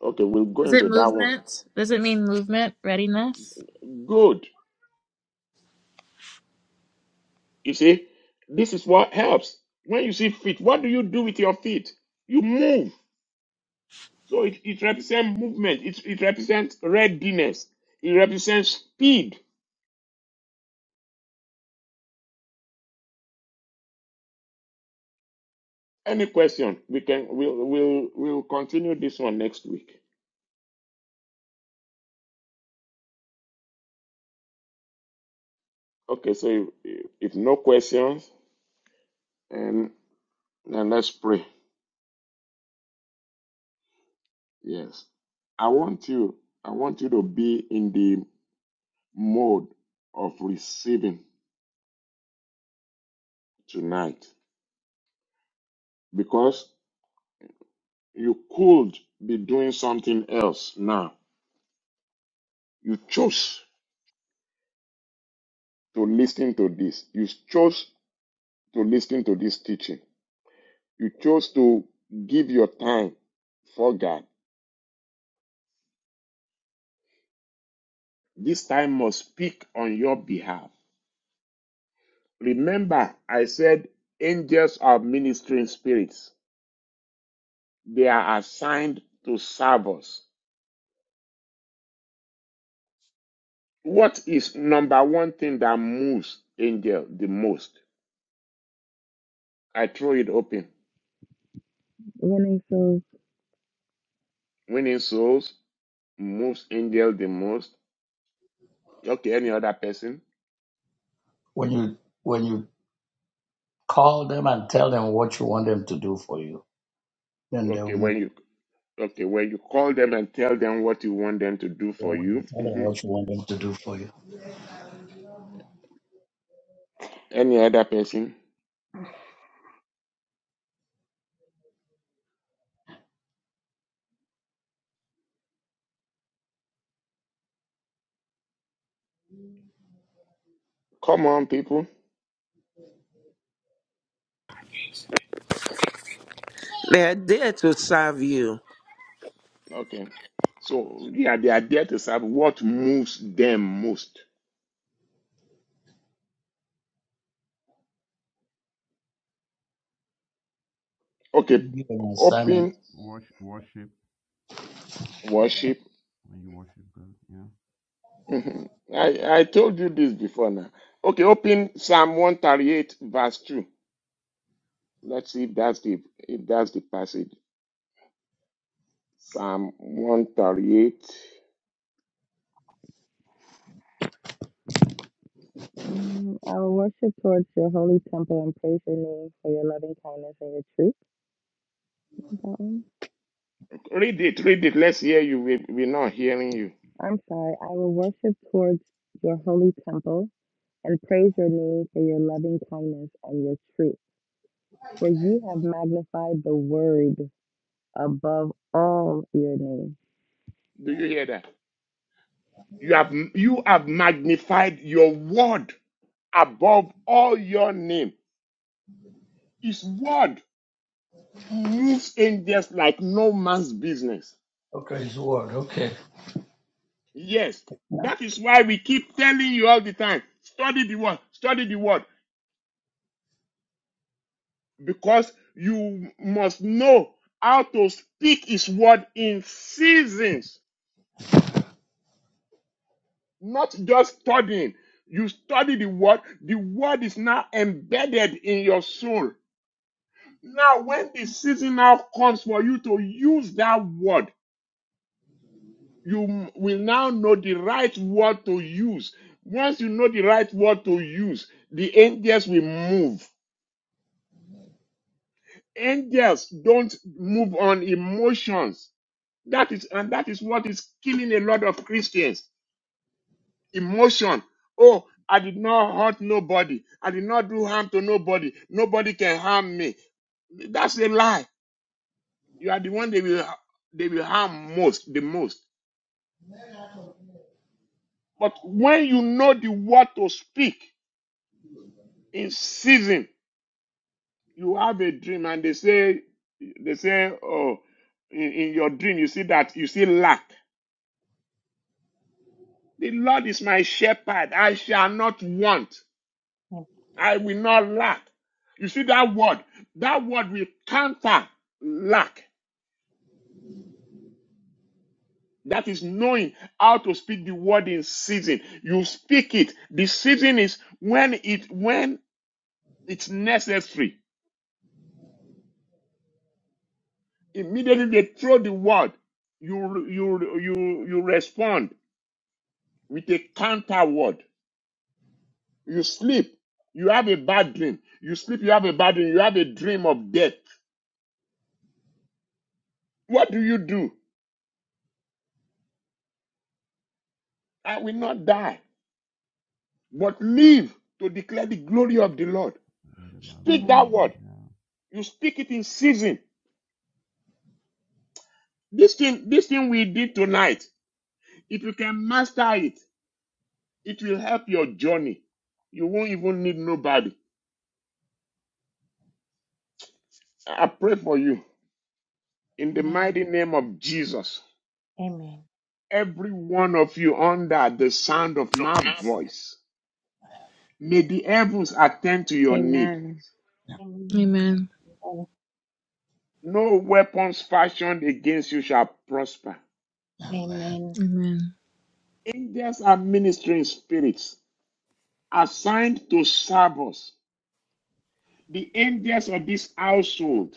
S2: Okay, we'll go
S8: Is it
S2: into that one.
S8: movement? Does it mean movement? Readiness?
S2: Good. You see, this is what helps. When you see feet, what do you do with your feet? You move. So it, it represents movement, it, it represents readiness, it represents speed. Any question? We can we'll we'll we'll continue this one next week. Okay, so if, if no questions, and Now let's pray. Yes. I want you, I want you to be in the mode of receiving tonight because you could be doing something else now. You chose to listen to this. You chose to listen to this teaching. You chose to give your time for God. This time must speak on your behalf. Remember, I said angels are ministering spirits. They are assigned to serve us. What is number one thing that moves angel the most? I throw it open.
S4: winning souls.
S2: Winning souls moves angel the most. Okay, any other person?
S3: When you when you call them and tell them what you want them to do for you, then they'll
S2: Okay,
S3: move.
S2: when you okay when you call them and tell them what you want them to do for
S3: forward. When
S2: you.
S3: you tell them
S2: hmm
S3: what you want them to do for you,
S2: Any other person? Come on, people.
S5: they are there to serve you.
S2: Okay. So yeah, they are there to serve what moves them most. Okay,
S3: give them an assignment.
S2: open
S9: Worship, worship
S2: worship
S9: when you worship God, yeah,
S2: Mhm. I, I told you this before now. Okay, open Psalm 138, verse 2. Let's see if that's the if that's the passage. Psalm 138.
S4: Mm, I will worship towards your holy temple and praise your name for your loving kindness and your truth. That one?
S2: Read it, read it. Let's hear you. We, we're not hearing you.
S4: I'm sorry. I will worship towards your holy temple and praise your name for your loving kindness and your truth. For you have magnified the word above all your name.
S2: Do you hear that? You have you have magnified your word above all your name. His word moves angels like no man's business.
S3: Okay, his word. Okay.
S2: Yes, that is why we keep telling you all the time. Study the word. Study the word. because you must know how to speak his word in seasons, not just studying. You study the word, the word is now embedded in your soul. Now, when the season now comes for you to use that word, you will now know the right word to use. Once you know the right word to use, the angels will move. Angels don't move on emotions That is, and that is what is killing a lot of Christians. Emotion. Oh, I did not hurt nobody. I did not do harm to nobody. Nobody can harm me. That's a lie. You are the one they will, they will harm most, the most. But when you know the word to speak in season, you have a dream and they say, they say, oh, in, in your dream, you see that, you see lack. The Lord is my shepherd. I shall not want. I will not lack. You see that word, that word will counter lack. That is knowing how to speak the word in season. You speak it. The season is when it when it's necessary. Immediately they throw the word. You you you you respond with a counter word. You sleep. You have a bad dream. You sleep. You have a bad dream. You have a dream of death. What do you do? I will not die. but live to declare the glory of the Lord.
S9: in the land
S2: Speak that
S1: Amen.
S2: word.
S9: of yeah,
S2: You speak it in season. This thing, this thing we did tonight, if you can master it, it will help your journey. You won't even need nobody. I pray for you in the
S1: Amen.
S2: mighty name of Jesus.
S1: Amen.
S2: Every one of you under the sound of my voice, may the heavens attend to your need.
S4: Amen.
S1: Amen.
S8: Amen.
S1: Amen.
S2: No weapons fashioned against you shall prosper.
S1: Amen. Amen.
S8: Amen.
S2: Angels are ministering spirits assigned to serve us, the angels of this household,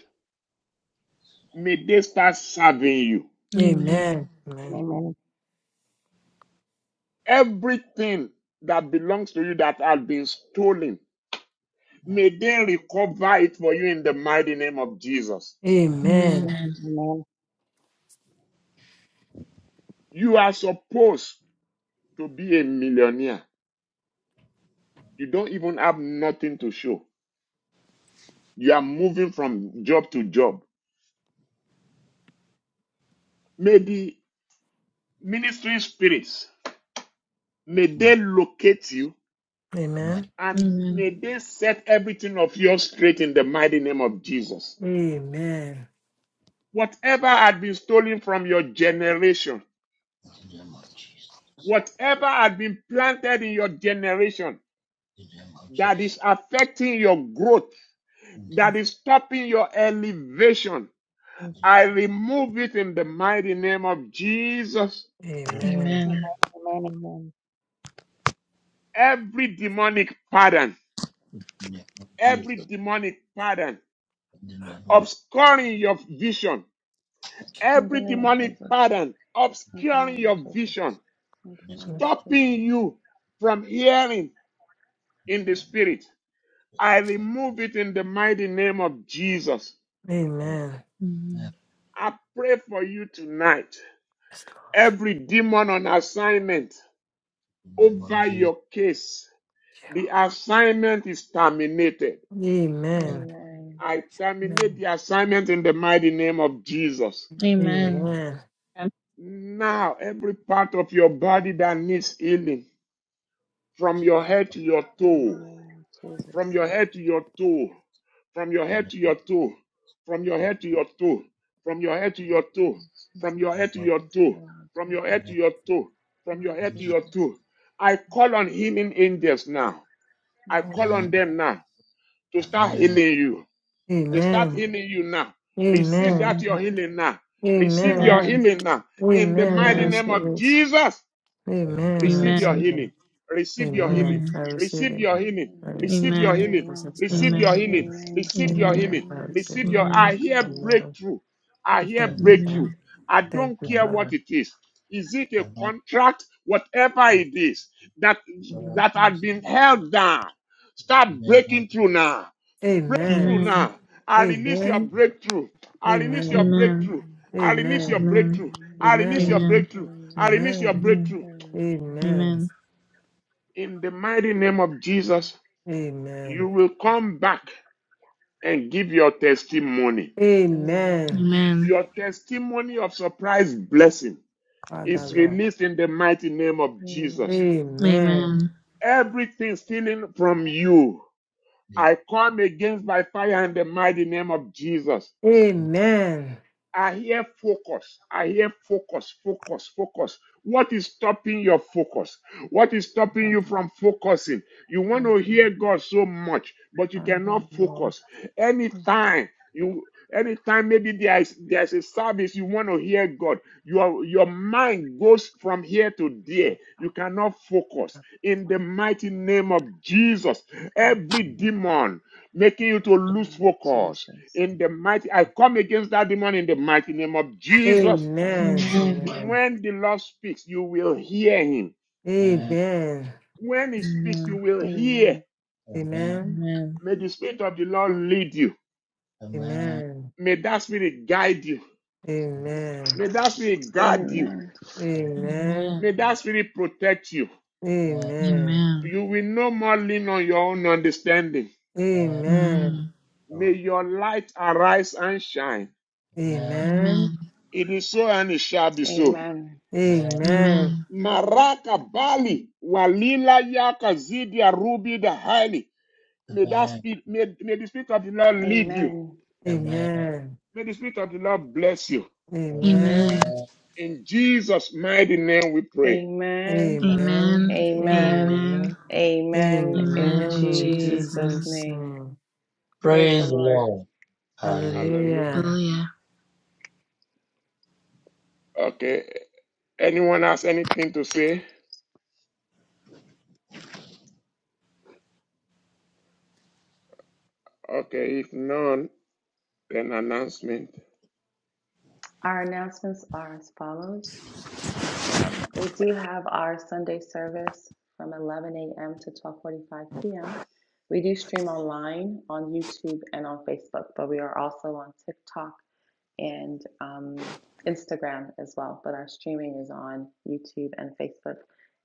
S2: may they start serving you.
S8: Amen.
S7: Amen. Amen.
S1: Amen.
S2: Everything that belongs to you that has been stolen, may they recover it for you in the mighty name of Jesus.
S7: Amen.
S1: Amen.
S8: Amen.
S1: Amen.
S2: You are supposed to be a millionaire. You don't even have nothing to show. You are moving from job to job. May the ministry spirits, may
S3: Yeah,
S2: they locate you
S3: I might
S7: Amen.
S2: And
S8: Amen.
S2: may they set everything of yours straight in the mighty name of Jesus.
S7: Amen.
S2: Whatever had been stolen from your generation,
S3: in the name of Jesus.
S2: whatever had been planted in your generation
S3: In the name of
S2: that
S3: Jesus.
S2: is affecting your growth,
S3: In the
S2: that is stopping your elevation, I remove it in the mighty name of Jesus.
S3: name
S7: Amen.
S8: Amen.
S1: Amen. Amen. Amen.
S2: Every demonic pattern,
S3: in the name of
S2: every
S3: Jesus.
S2: demonic pattern
S3: In the name of
S2: obscuring your vision,
S4: In the
S2: every
S4: name of
S2: demonic
S4: Jesus.
S2: pattern
S4: In the
S2: obscuring
S4: name of
S2: your
S4: Jesus.
S2: vision.
S4: In
S3: in
S4: the
S3: the name
S4: name of Jesus.
S2: stopping you from hearing
S3: in the
S2: in the
S3: name
S2: spirit. I remove it in the mighty name of Jesus.
S7: Amen.
S8: Amen.
S2: I pray for you tonight.
S7: Yes, Lord.
S2: Every demon on assignment over
S3: in
S2: your case,
S7: Yeah.
S2: the assignment is terminated.
S3: the
S7: Amen.
S4: Amen.
S2: I terminate
S7: Amen.
S2: the assignment in the mighty name of Jesus.
S8: Amen.
S7: Amen.
S2: Now, every part of your body that needs healing, from your head to your
S4: In the
S2: toe.
S4: name of Jesus.
S2: from your head to your toe, from your head to your toe, from your
S3: name
S2: head to your toe, from your head to your toe, from your
S3: of
S2: head
S4: Jesus.
S3: Jesus.
S2: to your
S4: In the
S2: toe,
S4: name of
S2: from your
S4: Jesus.
S2: head to
S3: Amen.
S2: your toe, from your
S4: Lord
S2: head to
S3: Amen.
S2: your
S4: Jesus.
S2: toe. I call on healing angels now. I call on
S3: Amen.
S2: them now to start
S3: Amen.
S2: healing you. They
S3: Amen.
S2: start
S7: Amen.
S2: healing you now. Receive
S7: Amen.
S2: that your
S8: Amen.
S2: healing now. Receive
S7: Amen.
S2: your
S8: Amen.
S2: healing now. In the
S7: Amen. I
S2: mighty
S8: Amen.
S2: name
S7: receive
S2: of
S7: it.
S2: Jesus.
S3: Amen.
S7: Amen. I
S2: Receive your
S8: Amen.
S7: receive it.
S2: healing. Receive your
S4: Amen.
S2: healing.
S7: Amen.
S8: Amen.
S7: I receive
S2: Receive
S7: it.
S2: your healing.
S7: I
S4: Amen.
S2: Receive
S7: receive
S2: your
S7: it.
S8: Amen.
S7: In
S2: healing.
S4: Amen.
S7: Jesus' name,
S2: Receive your
S8: Amen.
S7: amen.
S2: healing.
S3: Amen.
S4: Amen.
S2: Receive your
S4: Amen.
S8: Amen.
S7: Amen.
S2: healing.
S7: I
S4: Amen.
S7: receive
S2: Receive
S7: my
S2: your.
S8: Amen.
S2: I
S7: life.
S2: hear
S4: Amen.
S7: Amen.
S2: breakthrough. I hear
S7: Thank
S3: Amen.
S7: you, Lord.
S2: breakthrough.
S8: Amen.
S2: I
S7: Thank
S2: don't
S7: you,
S2: care what
S7: Father.
S2: it is. Is it a
S3: Amen.
S2: contract? Whatever it
S3: Praise
S2: is that
S3: God.
S7: Amen.
S2: that
S7: Father.
S2: had been held down,
S3: In the
S2: start
S3: name of
S2: breaking through
S3: Jesus.
S2: now. Breakthrough
S7: Amen.
S8: Amen.
S2: now. I release your
S7: Amen.
S2: breakthrough. I release your
S7: Amen.
S8: Amen.
S2: breakthrough.
S4: Amen.
S2: I release your
S7: Amen.
S8: Amen.
S2: breakthrough.
S4: Amen.
S2: I release your
S7: Amen.
S8: Amen.
S2: breakthrough. I
S4: Amen.
S2: release your
S7: Amen.
S2: breakthrough.
S4: Amen.
S7: Amen.
S8: Amen.
S2: In the mighty name of Jesus, you
S7: Amen.
S2: will come back and give your testimony.
S8: Amen.
S7: Amen.
S4: Amen.
S8: Amen.
S2: Your testimony of surprise blessing
S7: Father,
S2: is
S7: Lord.
S2: released in the mighty name of Jesus.
S4: Amen.
S8: Amen.
S7: Amen.
S8: Amen.
S2: Everything stealing from you, I come against by fire in the mighty name of Jesus.
S7: Amen.
S2: I hear focus. I hear focus, focus, focus. What is stopping your focus? What is stopping you from focusing? You want to hear God so much, but you
S7: My God,
S2: cannot
S7: Lord.
S2: focus. Anytime you anytime maybe there is there's a service you want to hear God, your your mind goes from here to there. You cannot focus. In the mighty name of Jesus, every
S4: in
S2: demon making you to
S4: the
S2: lose
S4: name of
S2: focus
S4: Jesus.
S2: in the mighty i come against that demon in the mighty name of
S3: Amen.
S2: jesus
S4: Amen.
S7: Amen.
S8: Amen.
S7: Amen.
S2: when the lord speaks you will hear him
S7: Amen.
S2: when he speaks you will hear
S4: Amen.
S3: Amen.
S7: Amen.
S8: Amen.
S2: may the spirit of the lord lead you
S3: Amen. Amen.
S7: Amen.
S2: may that spirit guide you
S7: Amen.
S2: may that spirit guard you
S4: Amen.
S3: Amen.
S7: Amen. Amen.
S2: may
S8: Amen.
S2: that spirit protect you
S8: Amen.
S7: Amen.
S2: you will no more lean on your own understanding
S7: Amen.
S8: Mm.
S3: Amen.
S2: may
S3: Amen.
S2: your light arise and shine
S7: Amen.
S8: Amen.
S2: it is so and it shall be so
S4: Amen.
S7: Amen.
S8: Amen.
S2: maraka bali walila yaka zidia rubi the highly May that
S3: Amen.
S2: spirit, may, may the spirit of the Lord lead you.
S4: Amen.
S3: Amen.
S7: Amen.
S2: May the spirit of the Lord bless you.
S8: Amen.
S7: Amen.
S8: Amen.
S3: Amen.
S2: In Jesus' mighty name we pray.
S4: Amen. Amen.
S8: Amen.
S7: Amen. Amen.
S4: Amen. In
S8: Amen. In
S7: In
S8: Jesus'
S4: Jesus'
S8: name.
S7: Jesus'
S4: name.
S7: name.
S4: Praise the
S3: Praise the
S4: Lord.
S3: Lord.
S2: Hallelujah.
S7: Hallelujah.
S3: Hallelujah.
S8: Hallelujah.
S2: Okay. Anyone has anything to say? Okay. If none, then announcement.
S4: Our announcements are as follows. Um, we do have our Sunday service from 11 a.m. to 12:45 p.m. We do stream online on YouTube and on Facebook, but we are also on TikTok and um, Instagram as well. But our streaming is on YouTube and Facebook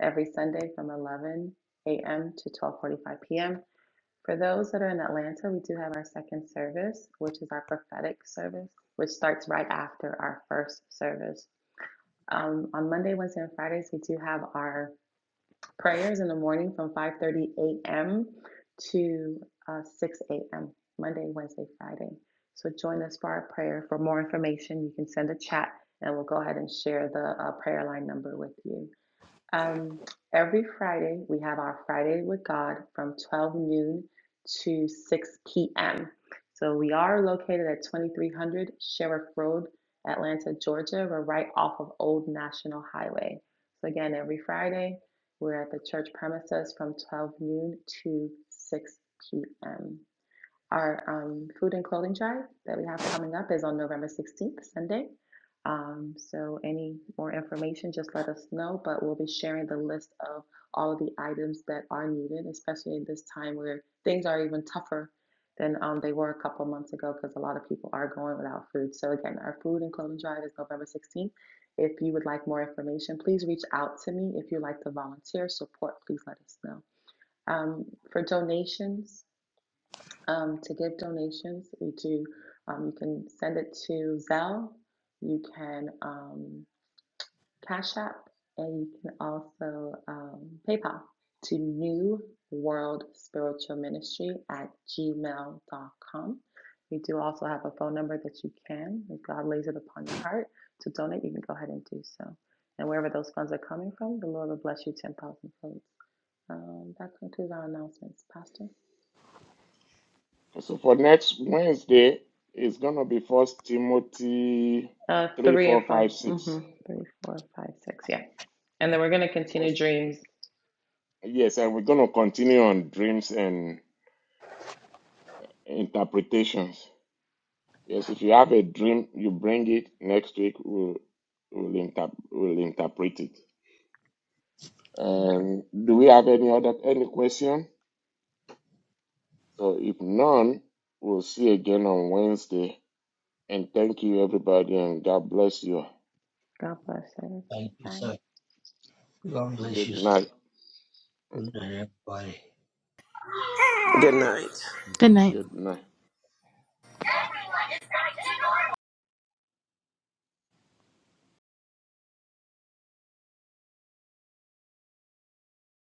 S4: every Sunday from 11 a.m. to 12:45 p.m. For those that are in Atlanta, we do have our second service, which is our prophetic service, which starts right after our first service. Um, on Monday, Wednesday, and Fridays, we do have our Prayers in the morning from 5:30 a.m. to uh, 6 a.m. Monday, Wednesday, Friday. So join us for our prayer. For more information, you can send a chat, and we'll go ahead and share the uh, prayer line number with you. Um, every Friday, we have our Friday with God from 12 noon to 6 p.m. So we are located at 2300 Sheriff Road, Atlanta, Georgia. We're right off of Old National Highway. So again, every Friday, we're at the church premises from 12 noon to 6 p.m. Our um, food and clothing drive that we have coming up is on November 16th, Sunday. Um, so, any more information, just let us know. But we'll be sharing the list of all of the items that are needed, especially in this time where things are even tougher than um, they were a couple months ago because a lot of people are going without food. So, again, our food and clothing drive is November 16th. If you'd like more information, please me. If you'd like to volunteer, support, please let us know. Um, Um, you can send it to Zelle, you can um, Cash App, and you can also um, PayPal to newg.com. We do also have a phone number that you can, if God lays it upon your heart to donate, you can go ahead and do so. And wherever those funds are coming from, the Lord will bless you 10,000 folds. Um, that concludes our announcements, Pastor.
S2: So for next Wednesday, it's gonna be First Timothy
S4: Uh,
S2: three,
S4: three and
S2: four,
S4: 5
S2: five,
S4: Mm-hmm.
S2: six.
S4: Three, four, five, six. Yeah. And then we're going to continue
S2: First,
S4: dreams.
S2: yes, and we're gonna continue on dreams and interpretations. Yes, if you have a dream, you bring it next week. We'll we'll, inter- we'll interpret it.
S4: Okay.
S2: And do we have any other any question? So if none, we'll see again on Wednesday. And thank you everybody, and God bless you.
S4: God bless
S3: Thank
S4: everybody.
S3: you,
S4: Bye.
S3: sir. God bless
S2: Good
S3: you, sir.
S2: night.
S3: Good day, everybody.
S2: Good
S5: Good
S2: night.
S5: night.
S9: good
S8: Good
S9: night,
S8: night.
S9: that.
S2: Good night.